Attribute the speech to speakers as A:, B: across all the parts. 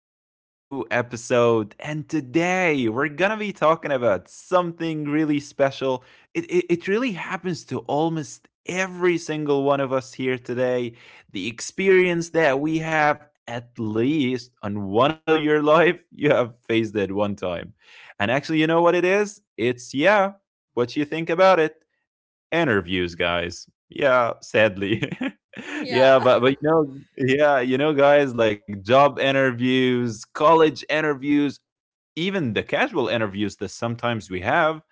A: again in a new episode. And today we're gonna be talking about something really special. It really happens to almost every single one of us here today. The experience that we have, at least on one of your life, you have faced it one time. And actually, you know what it is? It's yeah, what you think about it and reviews, guys. Yeah, sadly.
B: Yeah.
A: Yeah, but but yeah, guys, like job interviews, college interviews, even the casual interviews that sometimes we have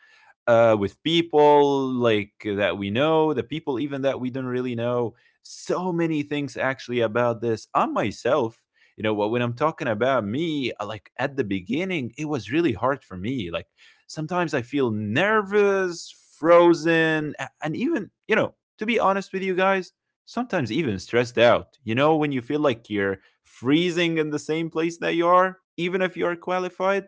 A: with people like that we know, the people even that we don't really know. So many things actually about this. I myself, when I'm talking about me, like at the beginning, it was really hard for me. Like sometimes I feel nervous, frozen, and even, to be honest with you guys, sometimes even stressed out. You know, when you feel like you're freezing in the same place that you are, even if you are qualified.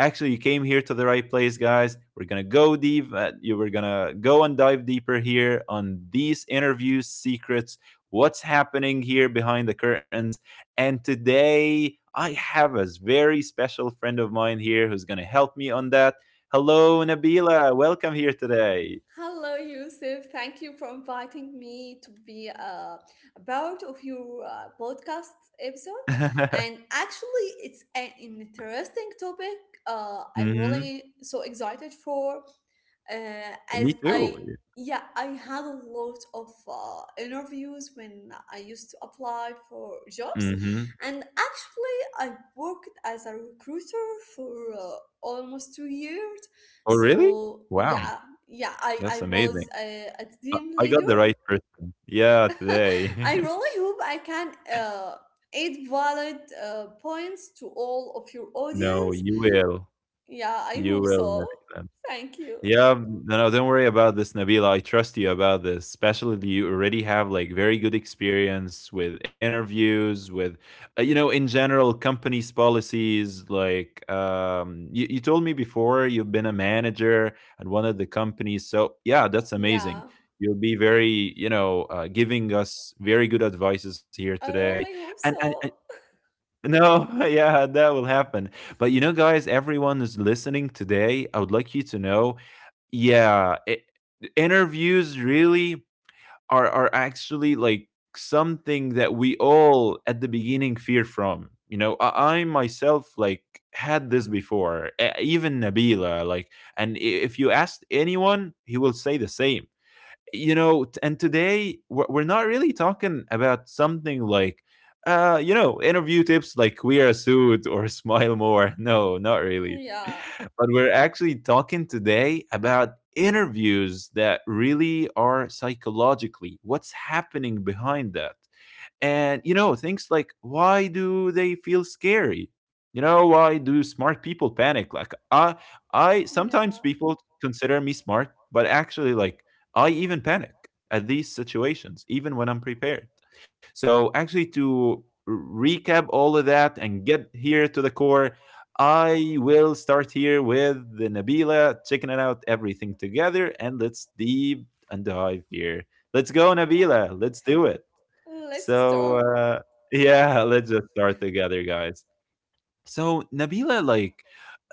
A: Actually, you came here to the right place, guys. We're gonna go deep, you were gonna go and dive deeper here on these interviews secrets, what's happening here behind the curtains. And today I have a very special friend of mine here who's gonna help me on that. Hello, Nabila, welcome here today.
B: Hello, Yusuf. Thank you for inviting me to be a part of your podcast episode. And actually, it's an interesting topic. I
A: Hmm.
B: really so excited for. uh,
A: Me
B: as
A: too.
B: I yeah I had a lot of interviews when I used to apply for jobs,
A: Hmm.
B: and actually I worked as a recruiter for almost 2 years.
A: Oh, really?
B: So
A: Wow.
B: yeah, I
A: That's
B: I was
A: amazing.
B: a
A: I
B: team
A: I got
B: leader.
A: the right person. Yeah, today.
B: I really hope I can. Add valid points to all of your
A: No,
B: audience.
A: you will.
B: Yeah, I
A: You
B: hope
A: will,
B: so.
A: Nabila.
B: Thank you.
A: Yeah, no, no, don't worry about this, Nabila. I trust you about this, especially that you already have like very good experience with interviews, with in general, companies' policies. Like, you told me before you've been a manager at one of the companies, so yeah, that's amazing.
B: Yeah.
A: You'll be very, giving us very good advices here
B: I
A: today,
B: really hope
A: and
B: so.
A: no, yeah, that will happen. But, guys, everyone is listening today. I would like you to know, yeah, interviews really are actually like something that we all at the beginning fear from. You know, I myself like had this before. Even Nabila, like, and if you asked anyone, he will say the same. And today we're not really talking about something like, interview tips, like wear a suit or smile more. No, not really.
B: Yeah,
A: But we're actually talking today about interviews that really are psychologically what's happening behind that, and, things like why do they feel scary? Why do smart people panic? Like, I sometimes
B: yeah,
A: people consider me smart, but actually, like, I even panic at these situations, even when I'm prepared. So, actually, to recap all of that and get here to the core, I will start here with the Nabila, checking it out everything together, and let's deep and dive here. Let's go,
B: yeah.
A: Nabila. Let's do it.
B: Let's
A: So,
B: start. Yeah,
A: yeah, let's just start together, guys. So, Nabila, like,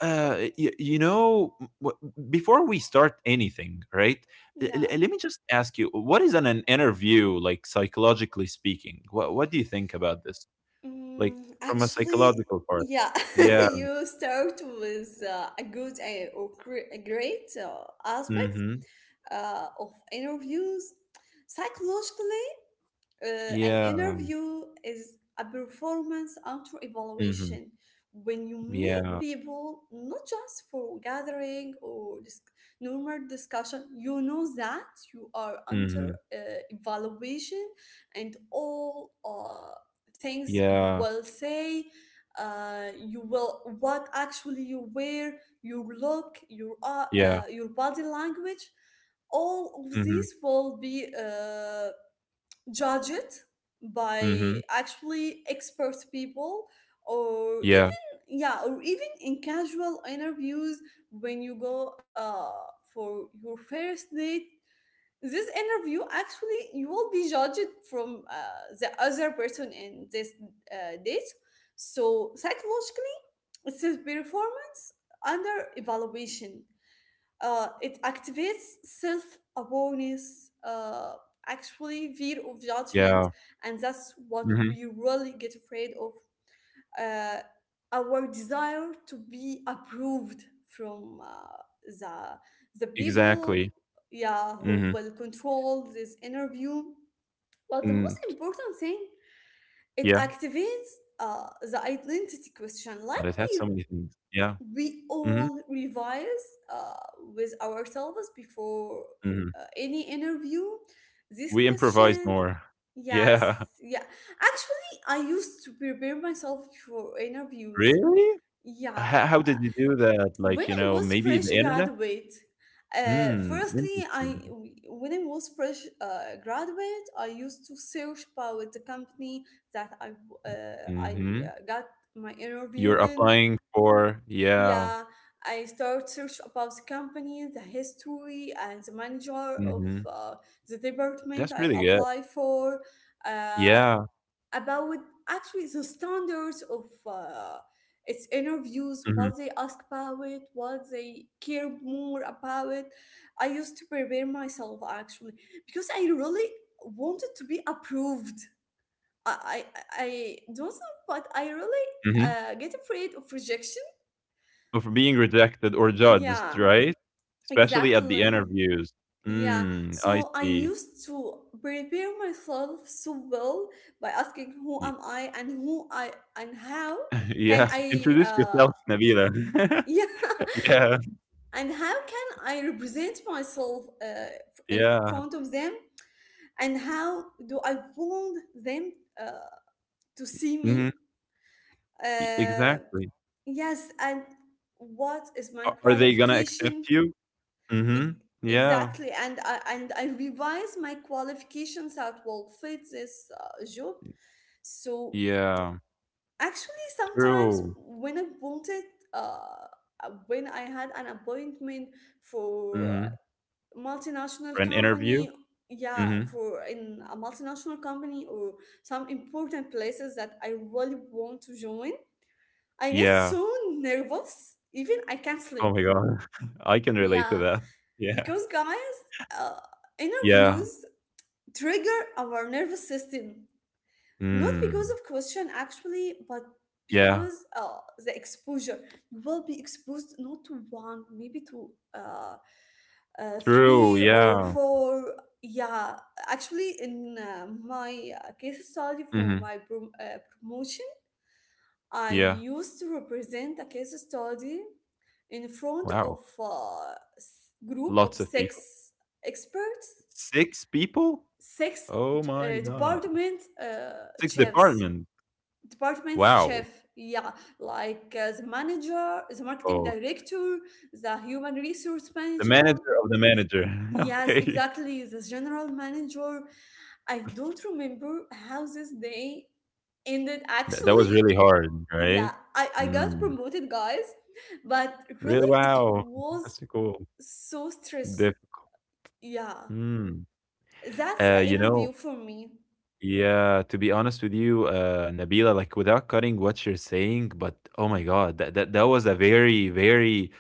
A: before we start anything, right? l-
B: yeah.
A: l- let me just ask you, what is an interview like psychologically speaking? What do you think about this? Like, from a
B: Actually,
A: psychological part?
B: yeah,
A: Yeah.
B: you start with a good or gre- a great aspect
A: Mm-hmm.
B: of interviews. Psychologically, an
A: Yeah.
B: interview is a performance auto
A: Mm-hmm.
B: evaluation when you meet
A: Yeah.
B: people not just for normal discussion. You know that you are under
A: Mm-hmm.
B: uh, evaluation, and all things you
A: Yeah.
B: will say, you will what actually you wear, your look,
A: Yeah.
B: your body language, all of
A: Mm-hmm.
B: these will be judge it
A: Mm-hmm.
B: by actually expert people, or
A: Yeah.
B: even yeah, or even in casual interviews. When you go for your first date, this interview actually you will be judged from the other person in this date. So psychologically it's a performance under evaluation. It activates self awareness, actually, fear of judgment,
A: Yeah.
B: and that's what
A: Mm-hmm.
B: we really get afraid of. Uh, our desire to be approved from the, the people,
A: Exactly.
B: yeah, who
A: Mm-hmm.
B: will control this interview. Well, the
A: Mm.
B: most important thing, it
A: Yeah.
B: activates the identity question,
A: But it
B: like
A: had so
B: we
A: many things. Yeah.
B: we
A: Mhm,
B: all revise uh, with ourselves before
A: mhm.
B: any interview, this
A: We improvised
B: question.
A: more.
B: Yes,
A: Yeah.
B: yeah, actually I used to prepare myself for interviews.
A: Really? Ho
B: Yeah,
A: how did you do that?
B: when
A: Like,
B: I was
A: maybe
B: fresh
A: the internet?
B: graduate,
A: Hmm.
B: firstly I
A: Interesting.
B: when I was fresh graduate, I used to search about the company that uh, i
A: Mhm.
B: uh, got my interview
A: You're
B: in,
A: applying for, yeah.
B: yeah, I start search about the company, the history, and the manager of
A: Mhm.
B: the department
A: That's
B: I
A: really good.
B: apply for. Uh,
A: Yeah.
B: about actually the standards of its interviews,
A: Mhm,
B: what they ask about it, what they care more about it. I used to prepare myself actually because I really wanted to be approved. I I don't know, but I really
A: mhm.
B: get afraid of rejection.
A: Of being rejected or judged,
B: Yeah.
A: right? Especially at the
B: Exactly.
A: interviews.
B: Yeah.
A: Mm, I
B: So I
A: see.
B: used to prepare myself so well by asking who am
A: Ye
B: I, and who I, and how can
A: Yeah.
B: I,
A: Introduce
B: uh,
A: yourself, Nabila.
B: yeah,
A: Yeah.
B: and how can I represent myself in
A: Yeah.
B: front of them, and how do I want them uh, to see me,
A: Mhm. E
B: uh,
A: exactly.
B: yes, and what is my
A: A are they gonna
B: qualification.
A: accept you? Mhm.
B: Ex-
A: Yeah.
B: exactly, and I revise my qualifications that will fit this job. So
A: Yeah.
B: actually, sometimes
A: True.
B: when I wanted, when I had an appointment for a
A: Mhm.
B: multinational
A: For an
B: company,
A: interview?
B: yeah,
A: Mhm.
B: for in a multinational company, or some important places that I really want to join, I get
A: Yeah.
B: so nervous. Even I can't
A: Oh
B: sleep.
A: my god. I can relate to
B: Yeah.
A: that. Yeah.
B: Because, guys, uh,
A: Yeah.
B: interviews trigger our nervous system, not because
A: Mm.
B: of question actually, but
A: Yeah.
B: because the exposure. You will be exposed not to one, maybe to
A: True,
B: three or
A: yeah.
B: four. Yeah, actually, in my case study for
A: Mhm.
B: my promotion, I
A: Yeah.
B: used to represent a case study in front of
A: Wow.
B: a group of
A: Lots of people.
B: six experts,
A: 6 people?
B: six
A: Oh my god.
B: department
A: 6
B: chefs
A: departments.
B: department
A: Wow.
B: chef yeah, like the manager, the marketing
A: Oh,
B: director, the human resource
A: the
B: manager,
A: manager of the manager.
B: yes
A: Okay.
B: exactly, the general manager. I don't remember how this day ended
A: That was
B: actually.
A: really hard, right?
B: Yeah, I got
A: Mm.
B: promoted, guys, but
A: Really?
B: really it
A: Wow,
B: was
A: that's so cool.
B: so stress,
A: Diff
B: yeah,
A: Mm.
B: that's
A: Uh,
B: an
A: you
B: interview
A: know
B: for me.
A: yeah, to be honest with you, Nabila, like, without cutting what you're saying, but oh my God, that was a very, very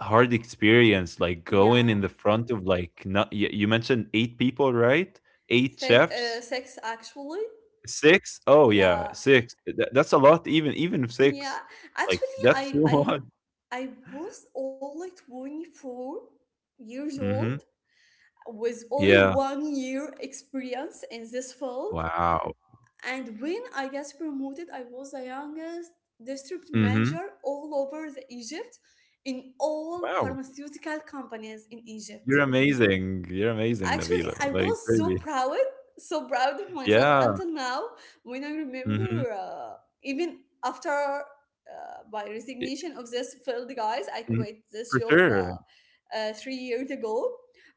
A: hard experience, like, going
B: Yeah,
A: in the front of, like, not you mentioned 8 people, right? 8 chefs?
B: sex actually.
A: 6? Oh, yeah,
B: Yeah.
A: 6. That's a lot, even if
B: Yeah,
A: 6. Like,
B: actually
A: that's
B: I
A: too
B: i
A: much.
B: i was only 24 years
A: Mhm.
B: old with only
A: Yeah.
B: 1 year experience in this field,
A: Wow.
B: and when I got promoted I was the youngest district
A: Mhm.
B: manager all over the Egypt, in all
A: Wow.
B: pharmaceutical companies in Egypt.
A: You're amazing. You're amazing,
B: Actually,
A: Nabila.
B: I
A: Like,
B: was
A: really.
B: so proud of myself
A: Yeah.
B: until now, when I
A: Mhm.
B: remember, even after my resignation of this field, guys, I
A: Mhm.
B: quit this
A: For
B: job
A: sure.
B: 3 years ago.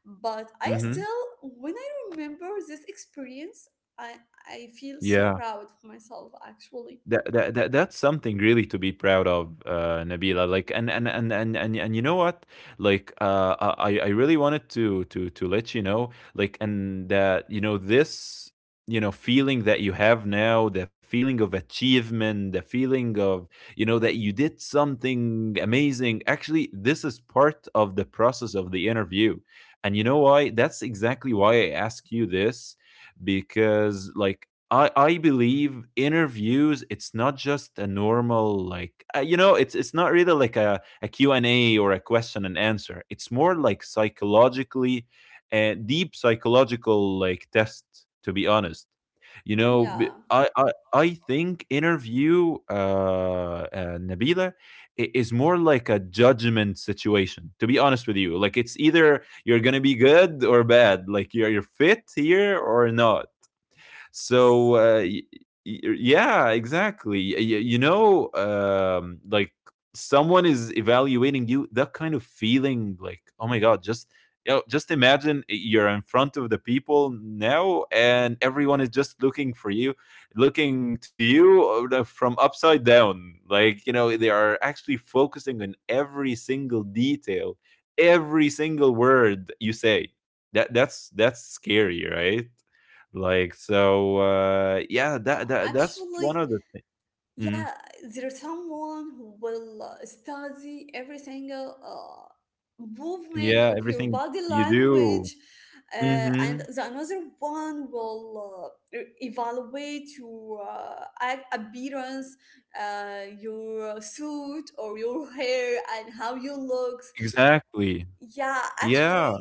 B: But I
A: Mhm.
B: still, when I remember this experience, I, I feel so
A: Yeah.
B: proud of myself, actually.
A: That's something really to be proud of, Nabila. Like, and you know what? Like, I really wanted to let you know, like, and that you know this, feeling that you have now, the feeling of achievement, the feeling of, that you did something amazing. Actually, this is part of the process of the interview, and you know why? That's exactly why I ask you this, because, like, I believe interviews, it's not just a normal, like, it's not really like a Q&A, or a question and answer. It's more like psychologically, deep psychological like test, to be honest.
B: Yeah,
A: I think interview, Nabila, is more like a judgment situation, to be honest with you, like, it's either you're going to be good or bad, like you're fit here or not.
B: yes.
A: So, yeah, exactly. Like, someone is evaluating you. That kind of feeling, like, oh my god, just, just imagine you're in front of the people now, and everyone is just looking for you, looking to you, from upside down. Like, they are actually focusing on every single detail, every single word you say. That's scary, right? Like, so, yeah,
B: Yeah,
A: that's one of
B: actually,
A: the thi Mhm.
B: yeah, there's someone who will study every single movement
A: Yeah,
B: of your
A: everything
B: body
A: you do.
B: language, and
A: Mhm.
B: the another one will evaluate your appearance, your suit or your hair and how you look,
A: Exactly.
B: yeah, actually,
A: Yeah.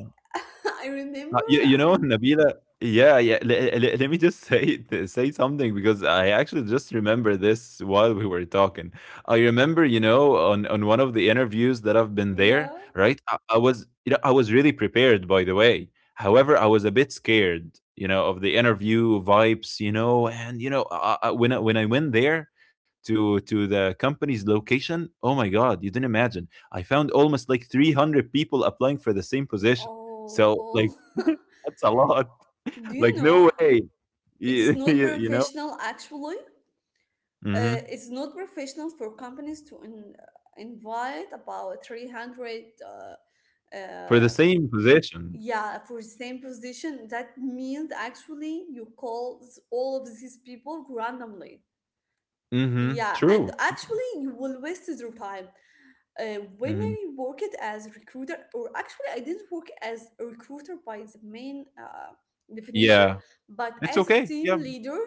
B: I remember,
A: Nabila, yeah, yeah. Let me just say something, because I actually just remember this while we were talking. I remember, on one of the interviews that I've been there,
B: yeah.
A: right? I was really prepared, by the way. However, I was a bit scared, of the interview vibes, and when I went there to the company's location, oh my God, you didn't imagine. I found almost like 300 people applying for the same position.
B: Oh
A: So
B: oh,
A: like, that's a lot.
B: do you
A: Like,
B: know
A: no way.
B: it is
A: You,
B: not
A: you, know?
B: professional actually.
A: Mhm.
B: It's not professional for companies to invite about 300
A: For the
B: uh,
A: same position.
B: yeah, for the same position. That means actually you all of these people randomly.
A: Mhm.
B: Yeah, and
A: True.
B: actually you will waste your time. When
A: Mhm.
B: I worked as a recruiter, or actually I didn't work as a recruiter by the main definition,
A: Yeah.
B: but
A: It's
B: as a
A: okay.
B: team
A: Yeah.
B: leader,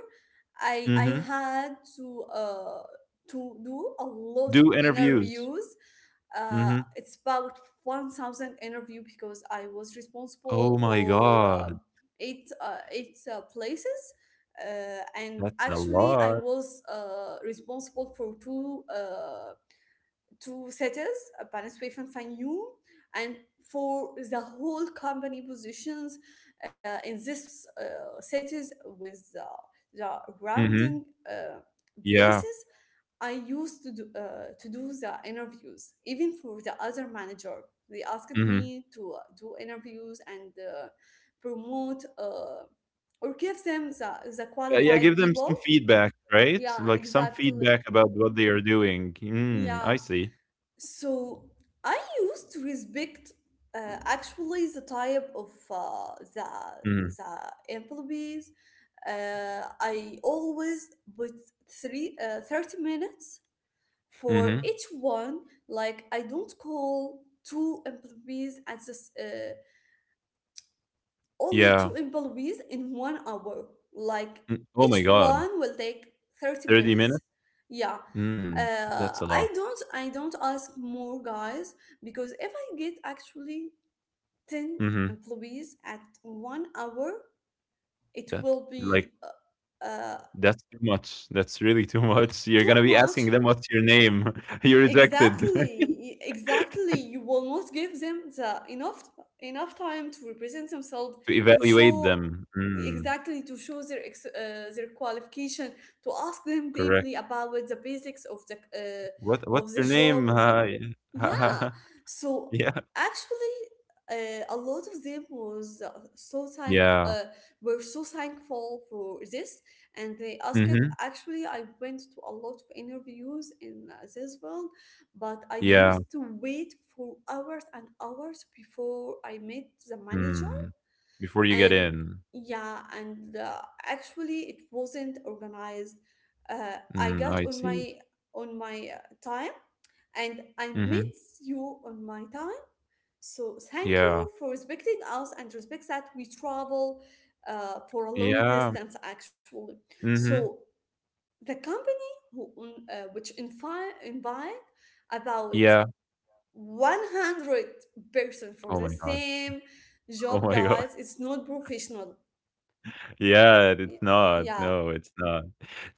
B: I
A: Mhm.
B: had to do a lot of
A: Do interviews.
B: interviews.
A: Mhm.
B: It's about 1,000 interview because I was responsible
A: Oh my
B: for
A: god.
B: eight places. And
A: That's a
B: actually, I
A: lot.
B: was responsible for two setters, a participation from you, and for the whole company positions in this setters with the
A: Mhm.
B: grounding uh,
A: Yeah.
B: places. I used to do the interviews, even for the other manager. They asked
A: Mhm.
B: me to do interviews and promote or give them the
A: Yeah, yeah, give
B: qualified
A: them some
B: people.
A: feedback, right?
B: Yeah,
A: Like, some
B: exactly.
A: feedback about what they are doing. Mm, I
B: Yeah.
A: see.
B: So I used to respect actually the type of uh, the
A: Mhm.
B: the employees. I always put three 30 minutes for
A: Mhm.
B: each one. Like I don't call two employees at this. Only
A: Yeah.
B: two employees in 1 hour. Like
A: Mm, oh
B: each
A: my god.
B: one will take 30
A: 30
B: minutes.
A: minutes?
B: Yeah.
A: Mm, that's a
B: Uh,
A: lot.
B: I don't I don't ask more, guys, because if I get actually 10
A: Mhm.
B: employees at 1 hour, it
A: That
B: will be
A: like
B: uh, uh,
A: That's too much. That's really too much. You're gonna
B: too
A: be
B: much.
A: asking them what's your name. You're rejected.
B: Exactly, exactly, you will not give them the enough time to represent themselves,
A: To
B: to
A: evaluate
B: show,
A: them. Mm,
B: exactly, to show their their qualification, to ask them
A: correct.
B: deeply about the basics
A: What what's
B: of the
A: your
B: job,
A: name? Hi.
B: yeah. So
A: Yeah.
B: actually, a lot of them was so thankful.
A: Yeah.
B: Were so thankful for this, and they asked.
A: Mm-hmm.
B: Actually, I went to a lot of interviews in this world, but I
A: Yeah.
B: used to wait for hours and hours before I met the manager.
A: Mm. Before you get
B: And
A: in.
B: yeah, and actually, it wasn't organized. Uh, I
A: Mm,
B: got
A: I
B: on
A: see.
B: my on my uh, time, and I
A: Mm-hmm.
B: met you on my time. So thank
A: Yeah.
B: you for respecting us and respect that we travel for a long
A: Yeah.
B: distance actually.
A: Mm-hmm.
B: So the company who which invite about
A: Yeah.
B: 100 person for
A: Oh my
B: the
A: god.
B: same
A: Oh
B: job,
A: my god.
B: guys, it's not professional.
A: Yeah, it's
B: Y-
A: not.
B: yeah,
A: No, it's not.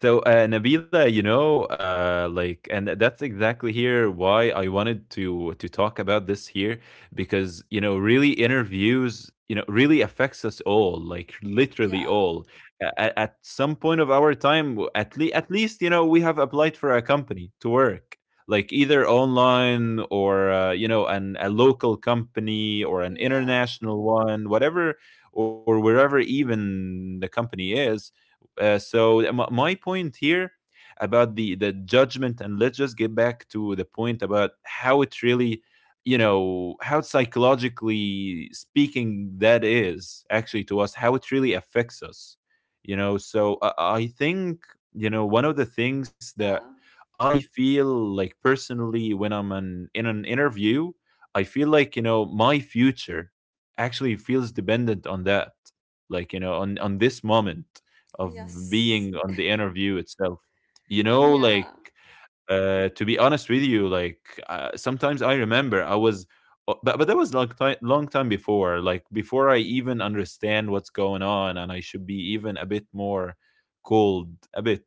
A: So, Nabila, like, and that's exactly here why I wanted to talk about this here, because, really, interviews, really affects us all, like literally
B: yeah,
A: all. At some point of our time, at least, we have applied for a company to work, like either online or, an a local company or an
B: yeah,
A: international one, whatever, or wherever even the company is. So, my point here, about the judgment, and let's just get back to the point about how it really, how psychologically speaking that is actually to us, how it really affects us. So, I think one of the things that
B: yeah,
A: I feel like personally when I'm in an interview, I feel like, my future actually feels dependent on that, like, on this moment of
B: yes,
A: being on the interview itself. You know,
B: yeah,
A: like to be honest with you, like, sometimes I remember I was, but that was long time before, like before I even understand what's going on, and I should be even a bit more cold, a bit.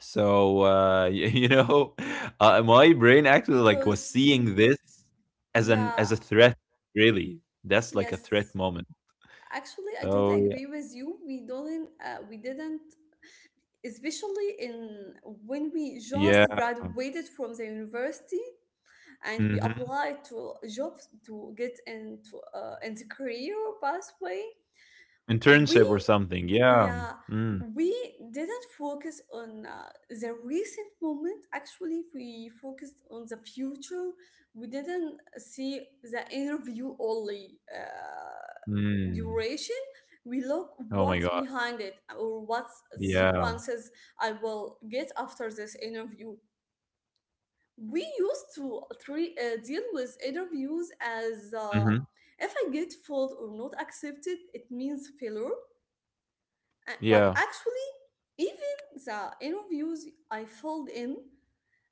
A: So uh, you know, my brain actually like was
B: because
A: seeing this as an
B: yeah,
A: as a threat. Really, that's like a threat
B: yes.
A: moment.
B: Actually, I totally
A: So
B: agree with you. We didn't, especially in when we
A: yeah,
B: just
A: yeah.
B: graduated from the university and we
A: Hmm.
B: applied to jobs to get into career pathway. We,
A: Internship or something, yeah.
B: yeah,
A: Mm,
B: we didn't focus on the recent moment. Actually, we focused on the future. We didn't see the interview only.
A: mm.
B: Duration, we look
A: Oh my
B: what's
A: god,
B: behind it or what
A: yeah.
B: sequences I will get after this interview. We used to deal with interviews as
A: Mhm,
B: if I get failed or not accepted, it means failure. But
A: yeah,
B: actually, even the interviews I filled in,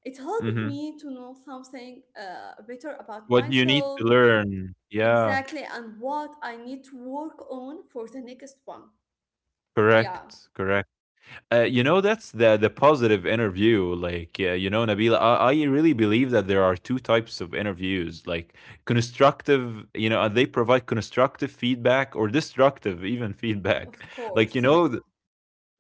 B: it helped
A: mhm.
B: me to know something better about
A: What you need
B: myself.
A: to learn. Yeah,
B: Exactly, and what I need to work on for the next one, yeah.
A: correct, correct. That's the positive interview. Nabila, I really believe that there are two types of interviews. Like, constructive, they provide constructive feedback or destructive even feedback.
B: Of
A: Like, you
B: course.
A: know,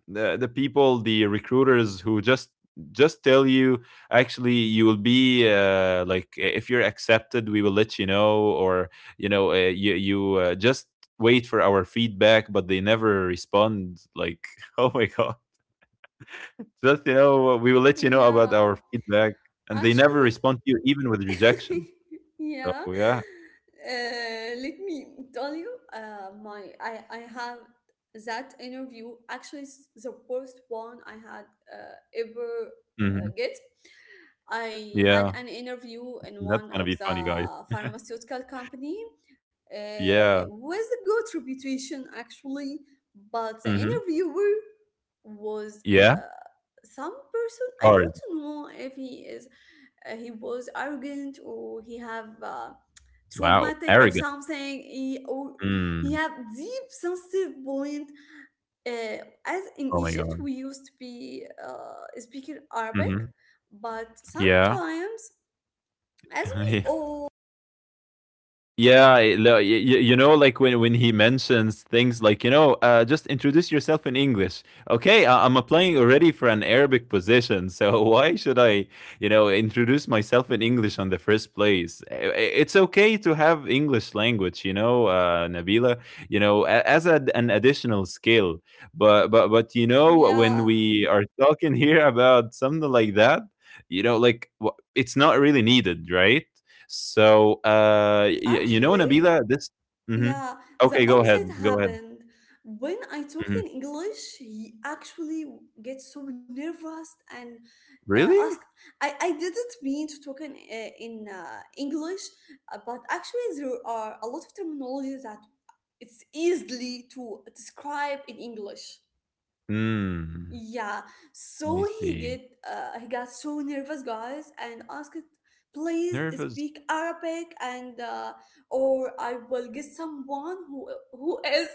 A: the people the recruiters who just tell you actually you will be like if you're accepted, we will let you know. Or you know uh, you you uh, just wait for our feedback, but they never respond. Like, oh my god, just we will let you know about
B: Yeah.
A: our feedback, and they never
B: Actually,
A: respond to you even with rejection. So
B: yeah.
A: yeah.
B: Let me tell you, my I have that interview. Actually, it's the worst one I had uh, ever
A: Hmm.
B: get. I had
A: Yeah,
B: an interview in
A: that's
B: one
A: gonna
B: of
A: be
B: the
A: funny, guys.
B: pharmaceutical company
A: Yeah.
B: with a good reputation actually, but the
A: Hmm.
B: interviewer was
A: Yeah.
B: uh, some person. I
A: Hard.
B: don't know if he is he was arrogant, or he have
A: Wow,
B: traumatic of
A: arrogant.
B: something he, or he
A: Mm.
B: have deep sensitive point, uh, as in
A: Oh my
B: Egypt
A: god.
B: we used to be speaking Arabic,
A: Mm-hmm.
B: but
A: Yeah.
B: sometimes as we all
A: You know, like when he mentions things like, just introduce yourself in English. Okay, I'm applying already for an Arabic position, so why should I, introduce myself in English on the first place? It's okay to have English language, Nabila, as an additional skill. But but you know, when
B: yeah
A: we are talking here about something like that, like it's not really needed, right? So, y you know,
B: actually.
A: Nabila, this. Mhm.
B: Yeah, the
A: Okay, go ahead,
B: opposite
A: go ahead.
B: happened. When I talked in
A: Mhm.
B: English, he actually gets so nervous and ask.
A: Really?
B: I didn't mean to talk in English, but actually there are a lot of terminology that it's easily to describe in English.
A: Hmm.
B: Yeah,
A: I
B: so
A: see.
B: he got so nervous, guys, and asked, "Please
A: Nervous.
B: speak Arabic, and or I will get someone who is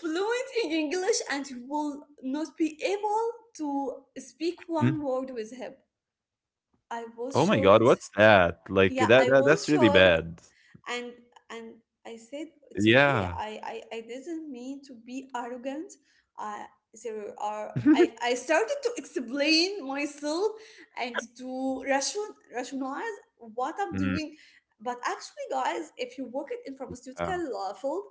B: fluent in English and will not be able to speak
A: Mhm.
B: one word with him." I was
A: Oh my god,
B: shocked.
A: what's that? Like,
B: Yeah,
A: that
B: I
A: that that's
B: was
A: really
B: shocked,
A: bad.
B: and and I said it's okay.
A: Yeah.
B: I didn't mean to be arrogant. I there are, I started to explain myself and rationalize what I'm
A: Mm,
B: doing. But actually, guys, if you work in
A: yeah,
B: pharmaceutical field,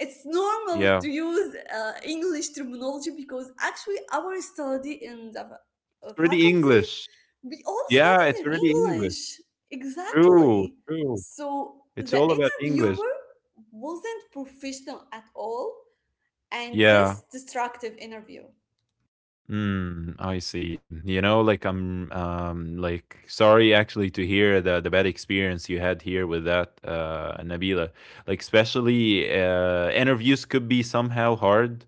B: it's normal
A: yeah.
B: to use English terminology because actually our study in the
A: It's already
B: faculty,
A: English.
B: we all
A: Yeah, it's
B: studied in
A: already English.
B: English.
A: True,
B: Exactly.
A: true.
B: So
A: It's
B: the
A: all about English.
B: interviewer wasn't professional at all, and
A: Yeah.
B: this destructive interview.
A: Mm, I see. You know, like I'm like sorry actually to hear the bad experience you had here with that Nabila. Like, especially interviews could be somehow hard.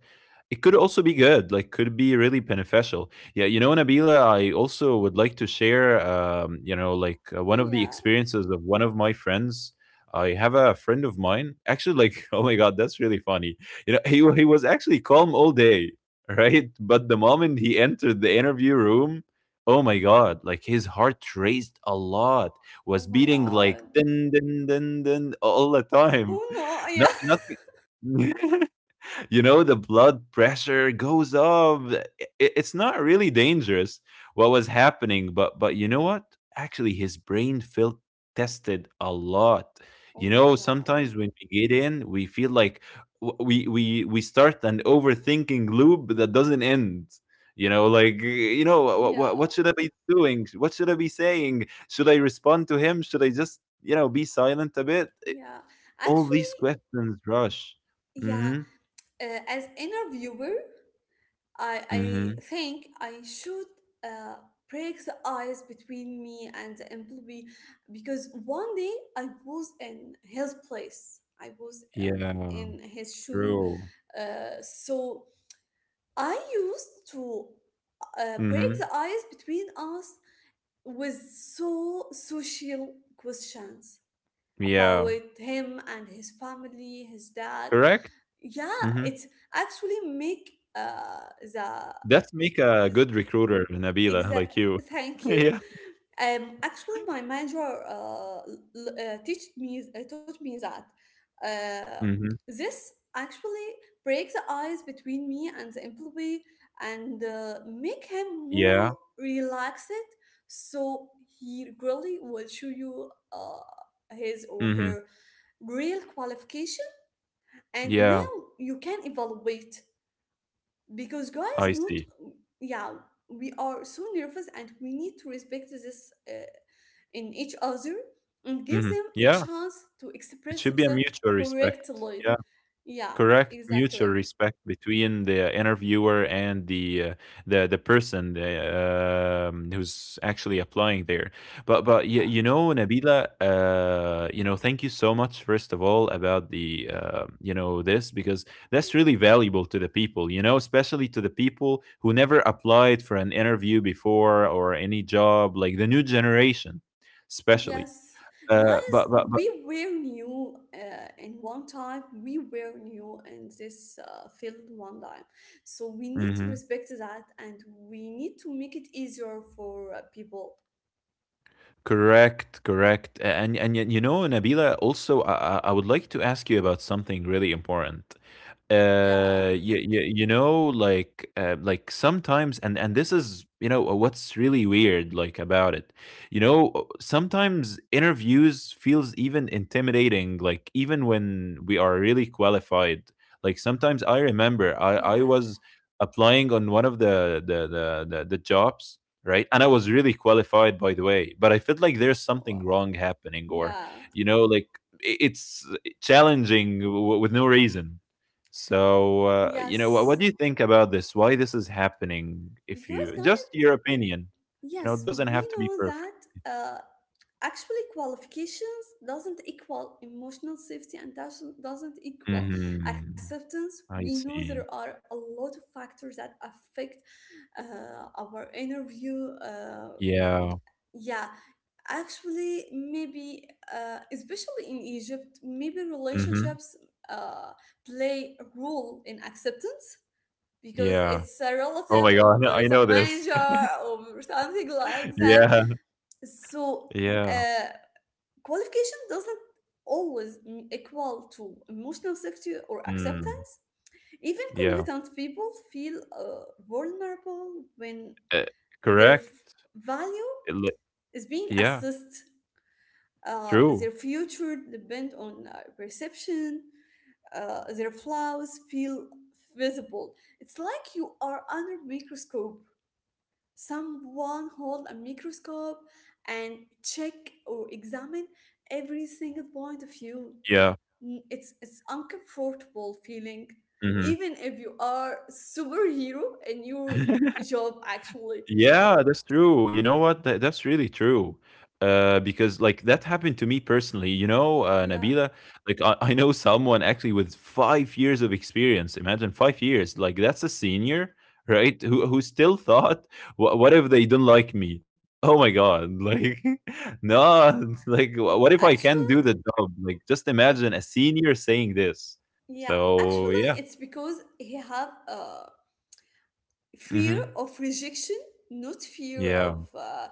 A: It could also be good, like could be really beneficial. Yeah, you know, Nabila, I also would like to share one of the
B: Yeah.
A: experiences of one of my friends. I have a friend of mine, actually like oh my god, that's really funny. You know, he was actually calm all day, right? But the moment he entered the interview room, oh my god, like his heart raced a lot, was
B: Oh my
A: beating like
B: god.
A: dun dun dun dun all the time.
B: Oh no. Yeah.
A: Not nothing. You know, the blood pressure goes up. It's not really dangerous what was happening, but you know what, actually his brain felt tested a lot.
B: Oh
A: You
B: my
A: know,
B: god.
A: sometimes when we get in, we feel like we start an overthinking loop that doesn't end. You know, like you know
B: Yeah.
A: what should I be doing, what should I be saying, should I respond to him, should I just, you know, be silent a bit.
B: Yeah.
A: All
B: Actually,
A: these questions rush.
B: yeah.
A: Hmm.
B: As interviewer, I,
A: Hmm.
B: I think I should uh, break the ice between me and the employee because one day I was in his place. I was
A: Yeah,
B: in his shoe.
A: true.
B: So I used to break the
A: Mhm.
B: ice between us with so social questions about
A: Yeah,
B: him and his family, his dad,
A: correct?
B: yeah,
A: Mhm.
B: it's actually make the
A: That's make a good recruiter, Nabila, like
B: exact,
A: you.
B: thank you.
A: Yeah.
B: Actually, my manager l- l- teach me taught me that uh
A: Mhm.
B: this actually breaks the ice between me and the employee and make him more
A: Yeah.
B: relaxed, so he really will show you his or
A: Mhm.
B: her real qualification, and
A: Yeah,
B: now you can evaluate. Because guys,
A: I
B: not
A: see.
B: yeah, we are so nervous, and we need to respect this in each other and give
A: Mhm.
B: them a
A: Yeah,
B: chance to
A: it
B: express
A: should be a
B: themselves
A: mutual respect.
B: correctly.
A: Yeah.
B: Yeah,
A: Correct, mutual
B: exactly.
A: respect between the interviewer and the person, who's actually applying there. But you,
B: Yeah.
A: you know, Nabila, you know, thank you so much, first of all, about the you know, this, because that's really valuable to the people. You know, especially to the people who never applied for an interview before or any job, like the new generation, especially.
B: Yes,
A: uh,
B: guys,
A: but but but
B: we were new in one time. We were new in this field one time, so we need to
A: mhm.
B: respect that, and we need to make it easier for people.
A: Correct, correct. And you know, Nabila, also I would like to ask you about something really important.
B: Yeah,
A: You know, like sometimes, and this is what's really weird like about it. You know, sometimes interviews feels even intimidating, like even when we are really qualified. Like sometimes I remember I
B: yeah.
A: was applying on one of the jobs, right? And I was really qualified, by the way, but I felt like there's something
B: Wow.
A: wrong happening. Or
B: Yeah,
A: you know, like it's challenging with no reason. So, what
B: yes.
A: do you think about this? Why this is happening? If
B: Because,
A: you
B: guys,
A: just your
B: w-
A: opinion, you know, it
B: yes,
A: doesn't have to
B: we
A: be
B: know
A: perfect.
B: that uh, actually qualifications doesn't equal emotional safety and does- not doesn't equal
A: Mhm.
B: acceptance.
A: I
B: We know
A: see.
B: there are a lot of factors that affect our interview.
A: Yeah.
B: Yeah, actually, maybe, especially in Egypt, maybe
A: Mhm.
B: relationships uh, play a role in acceptance because
A: Yeah.
B: it's a
A: Oh
B: relative
A: my god,
B: of
A: I
B: the
A: know this.
B: manager or something like that.
A: Yeah.
B: So,
A: Yeah.
B: uh, qualification doesn't always equal to emotional safety or
A: Mm.
B: acceptance. Even
A: Yeah.
B: competent people feel vulnerable when
A: Uh,
B: their
A: correct.
B: value
A: It li-
B: is being
A: yeah.
B: assessed. Their
A: True.
B: future depend on perception. Their flaws feel visible. It's like you are under microscope, someone hold a microscope and check or examine every single point of view.
A: Yeah.
B: It's uncomfortable feeling
A: Mhm.
B: even if you are superhero in your job actually.
A: Yeah, that's true. You know what? That's really true. Because like that happened to me personally.
B: Yeah.
A: Nabila, like I know someone actually with 5 years of experience. Imagine 5 years. Like that's a senior, right? Who still thought, What if they don't like me? Oh my God!" Like, no, like
B: Mm,
A: what if I can
B: actually
A: do the job? Like, just
B: it's
A: imagine a senior saying this.
B: yeah
A: So
B: actually
A: yeah.
B: it's because he have a fear
A: Hmm.
B: of rejection, not fear of
A: Yeah,
B: uh,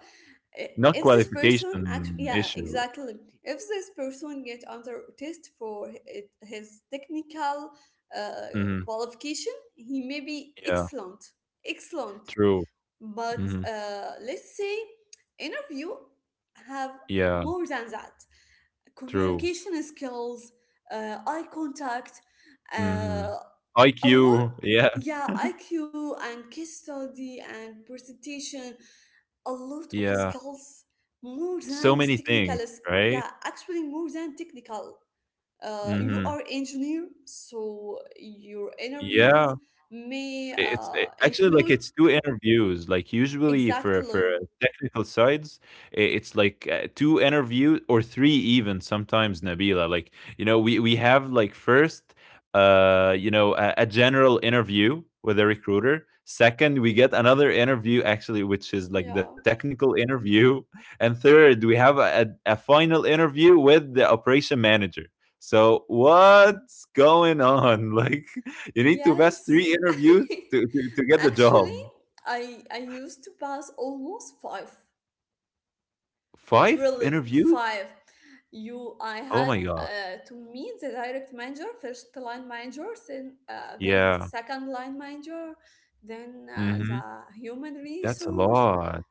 B: i-
A: not
B: if this person actually,
A: qualification
B: yeah,
A: issue.
B: exactly, if this person get under test for it, his technical uh,
A: Mhm.
B: qualification he may be
A: Yeah.
B: excellent, excellent.
A: True.
B: But
A: Mhm.
B: let's say interview have
A: Yeah,
B: more than that:
A: true.
B: communication skills, eye contact,
A: Mhm.
B: uh, a lot.
A: IQ. Yeah,
B: Yeah, IQ and case study and presentation, a lot of
A: yeah.
B: skills more
A: So
B: than
A: many
B: technical
A: things,
B: yeah,
A: right?
B: actually more than technical. You
A: Mhm.
B: are engineer so your
A: Yeah.
B: interviews may
A: It's a actually, like,
B: include
A: it's 2 interviews, like, usually for
B: exactly.
A: technical sides, I it's like, 2 interview or 3 even sometimes, Nabila, like, you know, we have, like, first, a general interview with a recruiter. 2nd, we get another interview actually, which is, like, the
B: Yeah,
A: technical interview, and 3rd, we have a final interview with the operation manager. So what's going on? Like, you need to pass three
B: yes.
A: interviews to to get the job.
B: Actually, I used to pass almost five.
A: Five
B: Really,
A: interviews?
B: five. I
A: Oh
B: had
A: my god.
B: to meet the direct manager, first line manager, then
A: Yeah.
B: second line manager, then
A: Mhm.
B: the human
A: That's a
B: resource.
A: lot.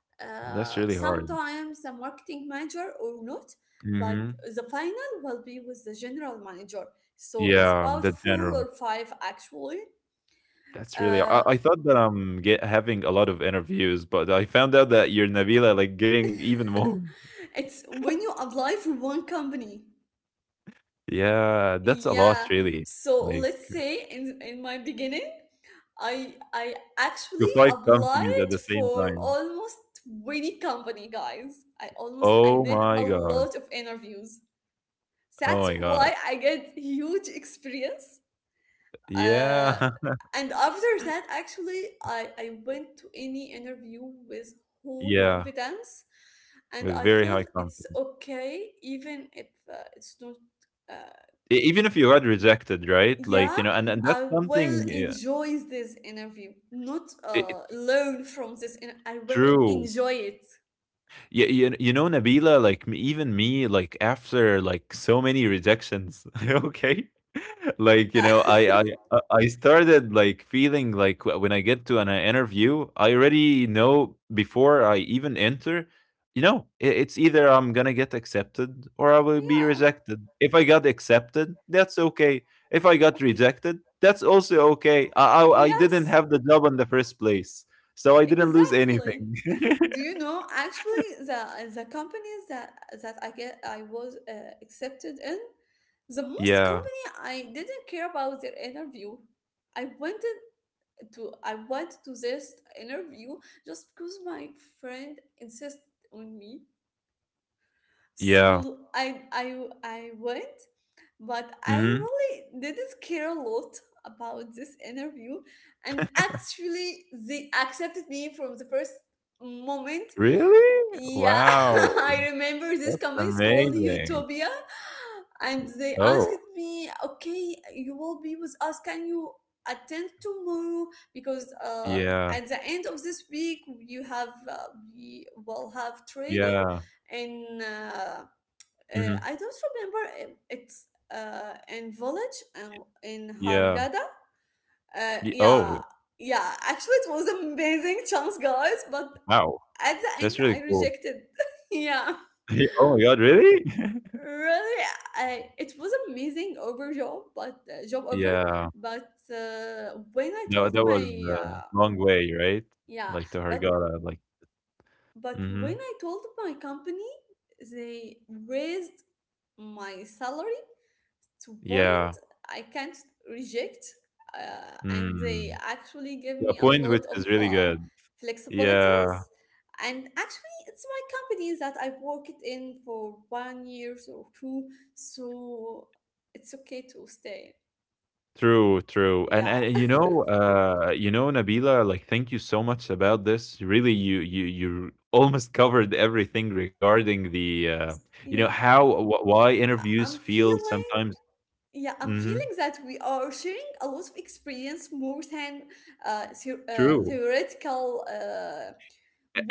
A: That's really hard.
B: Sometimes the marketing manager or not, but
A: Mhm.
B: the final will be with the general manager. So it's
A: Yeah,
B: about
A: the
B: four
A: general.
B: or five actually.
A: That's really
B: Uh,
A: I thought that I'm get having a lot of interviews, but I found out that you're Nabila like getting even more.
B: it's when you apply for one company.
A: Yeah, that's a lot
B: Yeah.
A: really.
B: So let's
A: Like
B: say in my beginning, I
A: to
B: actually
A: five companies at
B: applied
A: the same
B: for
A: time.
B: almost 20 company, guys. I
A: Oh
B: did
A: my
B: a
A: god.
B: lot of interviews.
A: Oh
B: That's
A: my
B: why
A: god.
B: I get huge experience. Uh,
A: Yeah.
B: and after that, actually, I went to any interview with whole
A: Yeah.
B: confidence, and
A: With
B: I
A: very high
B: feel it's
A: confidence.
B: okay even if it's not. Uh,
A: E even if you got rejected, right? Like,
B: yeah,
A: you know, and that's
B: I will
A: something, yeah,
B: enjoy this interview, not
A: I it's
B: learn from this, and I will
A: true.
B: enjoy it.
A: You know, Nabila, like even me like after like so many rejections okay. Like, you
B: Yeah.
A: know, I started like feeling like when I get to an interview, I already know before I even enter, you know, it's either I'm gonna get accepted or I will be
B: Yeah,
A: rejected. If I got accepted, that's okay. If I got
B: okay,
A: rejected, that's also okay. I didn't
B: yes,
A: have the job in the first place, so I didn't lose
B: exactly.
A: anything.
B: Do you know, actually, the companies that that I get, I was accepted in, the most
A: Yeah.
B: company I didn't care about their interview. i went I went to this interview just because my friend insisted on me.
A: Yeah.
B: So I went, but I
A: Mhm.
B: really didn't care a lot about this interview, and actually they accepted me from the first moment.
A: Really?
B: Yeah.
A: Wow.
B: I remember this
A: That's
B: company is called
A: amazing.
B: Utopia, and they asked
A: Oh,
B: me, "Okay, you will be with us. Can you attend tomorrow? Because
A: yeah,
B: at the end of this week, you have we will have training,
A: yeah.
B: and
A: Mhm.
B: I don't remember if it's in village and in
A: Yeah.
B: Hargada.
A: Y oh,
B: Yeah." Yeah, actually, it was amazing chance, guys. But
A: wow.
B: at the end,
A: That's
B: I
A: really cool.
B: rejected. Yeah,
A: Ye oh my god, really?
B: really, I it was amazing over job, but job over.
A: Yeah.
B: But when I
A: No,
B: told
A: that was
B: my
A: a long way, right?
B: Yeah.
A: Like, to
B: but
A: Hurghada, like
B: but when
A: mhm.
B: I told my company, they raised my salary to point
A: Yeah.
B: I can't reject, and they
A: Mm.
B: actually give
A: To a
B: me a
A: point which
B: lot of
A: is really good.
B: flexibilities.
A: Yeah.
B: And actually, it's my company that I worked in for one year or two, so it's okay to stay.
A: True, true,
B: Yeah,
A: and you know, Nabila, like, thank you so much about this. Really, you almost covered everything regarding
B: yeah,
A: how why interviews
B: I'm
A: feel
B: feeling.
A: sometimes.
B: Yeah, I'm
A: Hmm.
B: feeling that we are sharing a lot of experience more than
A: True,
B: theoretical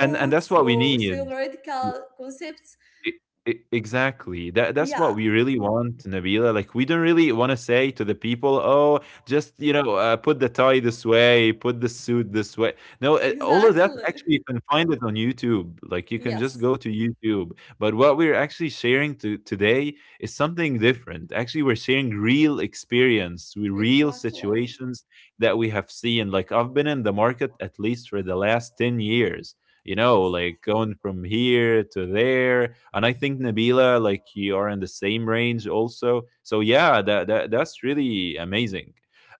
A: and that's what we
B: or
A: need.
B: theoretical concepts.
A: E e exactly. That's
B: Yeah,
A: what we really want, Nabila. Like, we don't really wanna say to the people, "Oh, just, you know, put the tie this way, put the suit this way." No, all of that,
B: exactly.
A: actually, you can find it on YouTube. Like, you can just
B: Yes,
A: go to YouTube. But what we're actually sharing to today is something different. Actually, we're sharing real experience with real
B: exactly.
A: situations that we have seen. Like, I've been in the market at least for the last 10 years, you know,
B: Yes.
A: like going from here to there. And I think Nabila, like, you are in the same range also. So yeah, that's really amazing.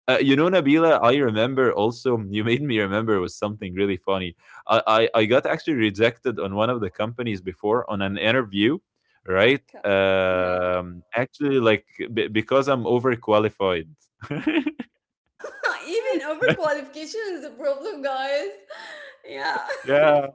A: You know, Nabila, I remember also, you made me remember was something really funny. I got actually rejected on one of the companies before on an interview, right?
B: Ca- Yeah.
A: Actually, like because I'm overqualified.
B: Wow, even overqualification is a problem, guys. Yeah.
A: Yeah,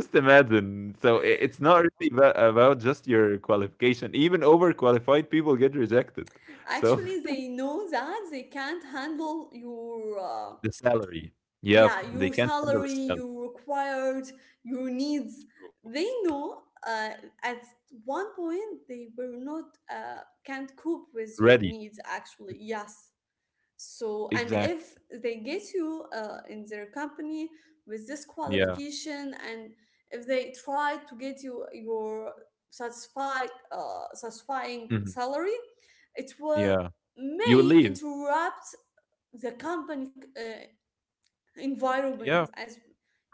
A: just imagine. So it's not really about just your qualification. Even overqualified people get rejected. So
B: Actually, they know that they can't handle your
A: the salary. Yeah,
B: yeah,
A: they
B: your
A: can't handle the
B: salary,
A: salary.
B: your required, your needs. They know at one point they were not can't cope with your
A: Ready.
B: needs actually. Yes. So, and if
A: Exactly.
B: they get you in their company with this
A: Yeah.
B: qualification, and if they try to get you your satisfying
A: Hmm.
B: salary, it will
A: Yeah. You will
B: may
A: leave.
B: interrupt the company environment
A: Yeah.
B: as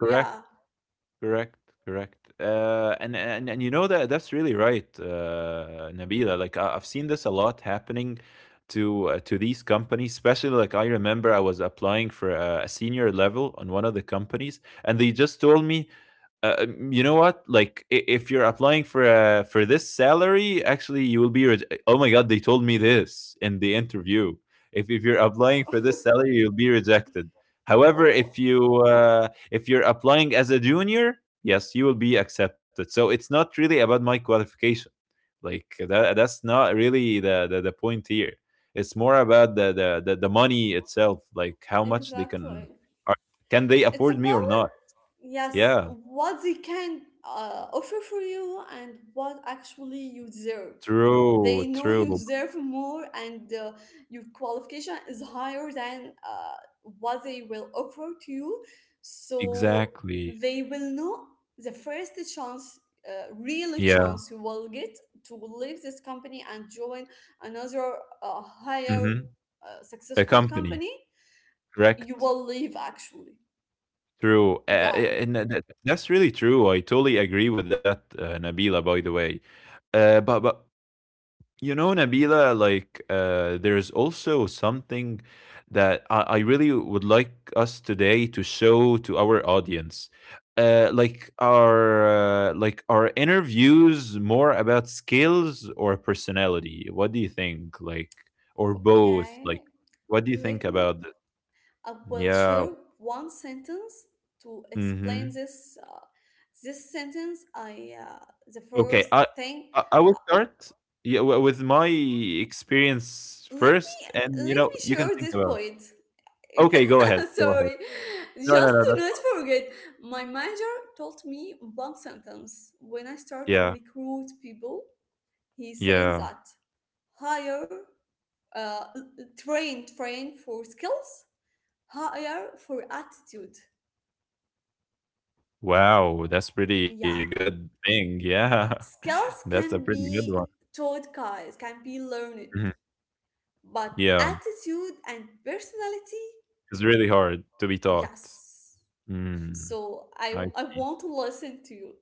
A: Correct. Correct, correct. And you know that that's really right, Nabila. Like I've seen this a lot happening to these companies. Especially, like I remember I was applying for a senior level on one of the companies, and they just told me, you know what? Like, if you're applying for this salary, actually, you will be. Oh my god, they told me this in the interview. If you're
B: Oh.
A: applying for this salary, you'll be rejected. However,
B: Oh,
A: if you're applying as a junior, yes, you will be accepted. So it's not really about my qualification. That's not really the point here. It's more about the money itself. Like how much they can
B: exactly.
A: are, can they
B: It's
A: afford me or
B: about
A: not?
B: yes
A: Yeah.
B: what they can offer for you and what actually you deserve.
A: True,
B: They know you
A: true.
B: deserve more, and your qualification is higher than what they will offer to you, so
A: Exactly.
B: they will know the first chance real
A: Yeah.
B: chance you will get to leave this company and join another higher
A: Mhm. A
B: successful
A: company.
B: company. You
A: Correct.
B: will leave actually.
A: True. Uh,
B: Yeah,
A: and that- that- that's really true. I totally agree with that, Nabila, by the way. But You know, Nabila, like there's also something that I really would like us today to show to our audience. Like our interviews, more about skills or personality. What do you think? Like or both?
B: okay.
A: Like what do you think
B: Let me,
A: about this?
B: I will
A: Yeah.
B: share one sentence to explain
A: Mm-hmm.
B: this. This sentence, I the
A: Okay.
B: first
A: I
B: thing.
A: I, I will start, yeah, with my experience
B: Let me
A: first, and you
B: let
A: know
B: me
A: you can
B: share
A: think
B: this
A: about. it.
B: point.
A: Okay, go ahead. Go ahead.
B: Sorry,
A: No, no,
B: just
A: no,
B: to
A: that's.
B: not forget. My manager told me one sentence when I start to
A: Yeah,
B: recruit people. He said
A: yeah.
B: that hire, l- l- train, train for skills, hire for attitude.
A: Wow, that's pretty
B: Yeah,
A: good thing, yeah.
B: skills
A: That's a
B: can
A: pretty good one.
B: be taught, guys, can be learned,
A: Mhm,
B: but
A: yeah,
B: attitude and personality,
A: it's really hard to be taught.
B: yes.
A: Mm,
B: So I,
A: I
B: I
A: see.
B: want to listen to you.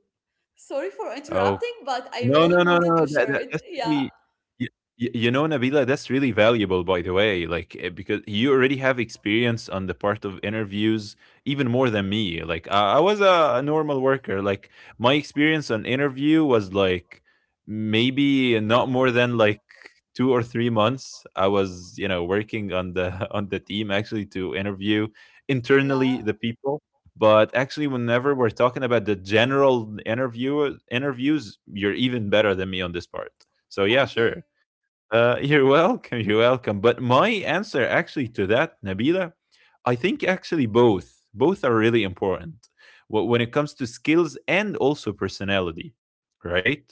B: Sorry for interrupting, but I
A: No,
B: really
A: no, no, no,
B: wanted to
A: no, that
B: share
A: that
B: it.
A: that's
B: Yeah,
A: really, you know, Nabila, that's really valuable, by the way. Like because you already have experience on the part of interviews, even more than me. Like I was a normal worker. Like my experience on interview was like maybe not more than like 2 or 3 months, I was, you know, working on the on the team actually to interview internally
B: yeah,
A: the people. But actually, whenever we're talking about the general interview interviews, you're even better than me on this part, so yeah,
B: thank you.
A: sure. You're welcome. You're welcome. But my answer actually to that, Nabila, I think actually both. Both are really important when it comes to skills and also personality, right?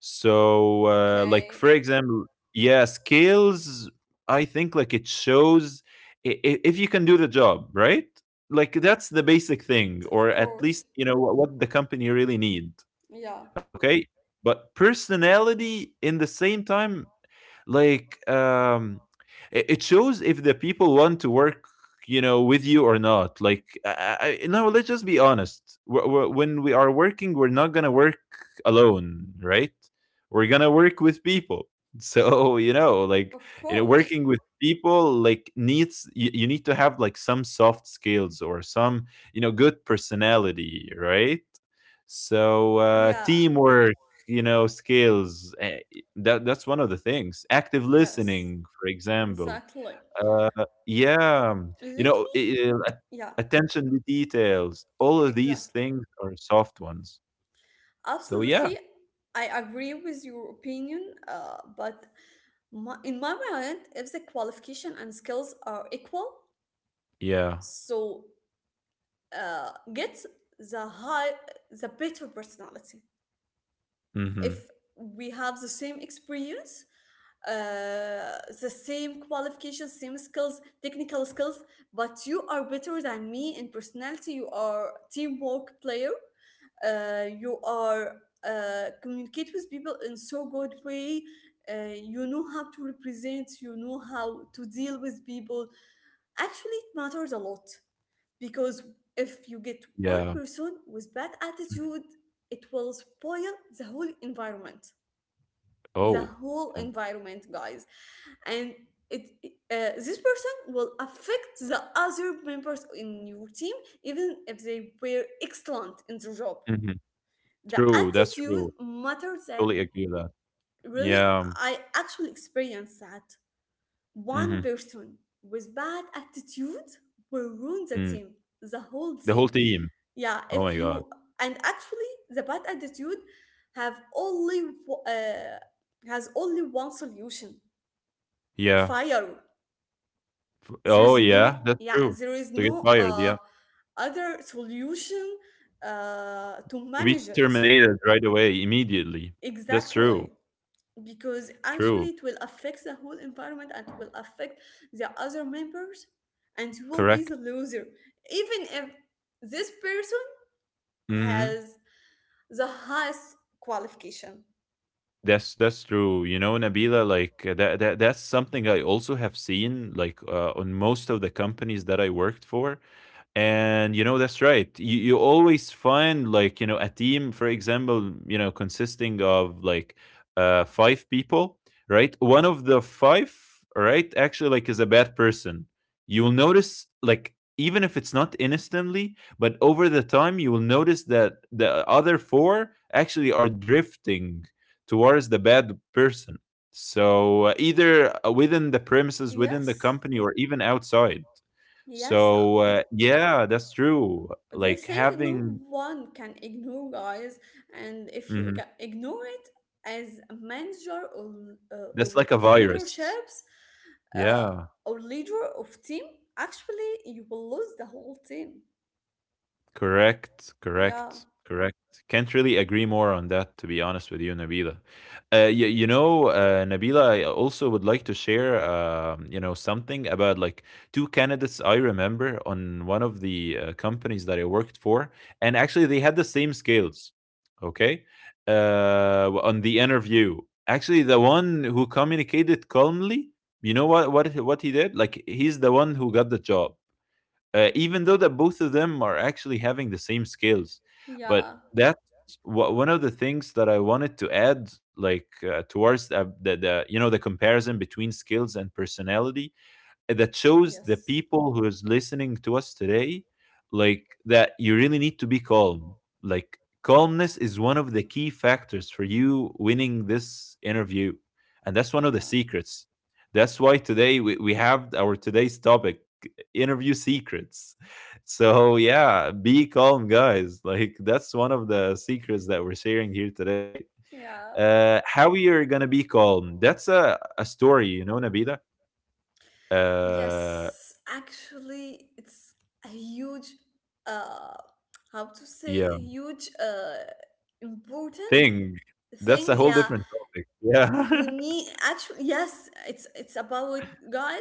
A: So, like
B: Okay,
A: for example, yeah, skills. I think like it shows if you can do the job, right? Like that's the basic thing,
B: yes,
A: or
B: of
A: at
B: course.
A: least you know what the company really need.
B: Yeah,
A: Okay, but personality in the same time, like it shows if the people want to work, you know, with you or not. Like no, let's just be honest. When we are working, we're not gonna work alone, right? We're gonna work with people so you know, like,
B: of
A: you know,
B: course.
A: working with people, like, needs you, you need to have like some soft skills or some, you know, good personality, right? So uh,
B: Yeah,
A: teamwork, you know, that that's one of the things. Active
B: yes,
A: listening, for example.
B: exactly.
A: Uh, yeah, you
B: Let
A: know,
B: me,
A: i- at-
B: yeah,
A: attention to details. All of these
B: exactly.
A: things are soft ones. So yeah,
B: Absolutely, I agree with your opinion, but my, in my mind, if the qualification and skills are equal,
A: yeah,
B: so get the high, the better personality.
A: hmm,
B: If we have the same experience, the same qualifications, same skills, technical skills, but you are better than me in personality. You are teamwork player. You are communicate with people in so good way. You know how to represent, you know how to deal with people. Actually it matters a lot, because if you get one
A: yeah.
B: person with bad
A: Mhm.
B: attitude, it will spoil the whole environment, the
A: Oh,
B: whole
A: yeah.
B: environment, guys. And this person will affect the other members in your team even if they were excellent in their job.
A: Hmm,
B: The
A: true. That's
B: attitude
A: true.
B: matters,
A: Totally
B: and
A: agree with that.
B: really
A: Yeah,
B: I actually experienced that. One
A: hmm,
B: person with bad attitude will ruin the
A: mm.
B: team, the whole
A: The whole
B: team.
A: team.
B: Yeah,
A: Oh
B: if
A: my god.
B: you and actually the bad attitude have only w- uh, has only one solution:
A: Yeah.
B: fire. There
A: Oh
B: is
A: yeah,
B: no,
A: that's
B: yeah,
A: true.
B: there is
A: To get
B: no
A: fired, yeah.
B: other solution to
A: To
B: manage
A: be
B: it.
A: terminated right away, immediately. That's true.
B: Exactly, because actually
A: True.
B: it will affect the whole environment and will affect the other members, and you will be the
A: Correct.
B: loser even if this person
A: Hmm.
B: has the highest qualification.
A: That's true. You know, Nabila, like that, that's something I also have seen like on most of the companies that I worked for. And you know, that's right. You always find like, you know, a team, for example, you know, consisting of like five people, right? One of the five, right, actually like is a bad person. You'll notice like, even if it's not instantly, but over the time you will notice that the other four actually are drifting towards the bad person. So either within the premises, within the
B: Yes,
A: company, or even outside.
B: yes,
A: So, yeah, that's true.
B: this
A: Like
B: thing no
A: having,
B: one can ignore, guys. And if you
A: mhm,
B: ignore it, as a manager,
A: that's
B: or
A: like a virus.
B: leaderships, uh,
A: Yeah.
B: or leader of team, actually you will lose the whole team.
A: Correct,
B: Yeah.
A: correct, correct. Can't really agree more on that, to be honest with you, Nabila. You know, Nabila, I also would like to share, you know, something about like two candidates I remember on one of the companies that I worked for, and actually they had the same skills. Okay, on the interview, actually the one who communicated calmly, you know what what he did? Like, he's the one who got the job, even though that both of them are actually having the same skills. But
B: Yeah.
A: that's one of the things that I wanted to add, like, towards the you know the comparison between skills and personality, that shows the
B: Yes.
A: people who is listening to us today, like, that you really need to be calm. Like calmness is one of the key factors for you winning this interview, and that's one of the
B: Yeah.
A: secrets. That's why today we have our today's topic, interview secrets. So yeah, be calm, guys. Like that's one of the secrets that we're sharing here today.
B: Yeah.
A: How you're gonna be calm, that's a story, you know, Nabila. uh
B: Yes, actually, it's a huge, uh, how to say,
A: yeah,
B: a huge, important
A: thing. That's a
B: thing.
A: whole
B: Yeah,
A: different topic. Yeah.
B: you need actually. Yes, it's about, guys.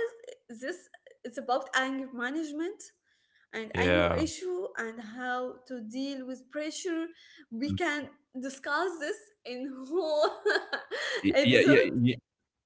B: This It's about anger management and anger
A: Yeah.
B: issue and how to deal with pressure. We
A: Mm.
B: can discuss this in whole
A: Yeah, yeah,
B: episode.
A: y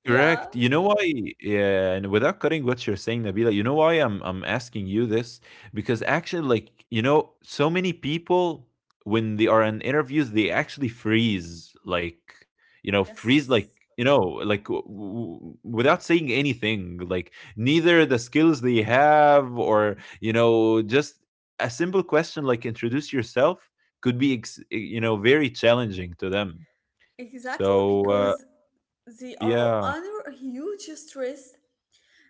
B: Yeah.
A: correct. You know why? Yeah, and without cutting what you're saying, Nabila, you know why I'm asking you this? Because actually, like you know, so many people, when they are in interviews, they actually freeze, like, you know, freeze, like,
B: Yes,
A: you know, like without saying anything, like neither the skills they have or, you know, just a simple question like introduce yourself could be you know, very challenging to them.
B: exactly,
A: So
B: because they are
A: yeah,
B: under huge stress,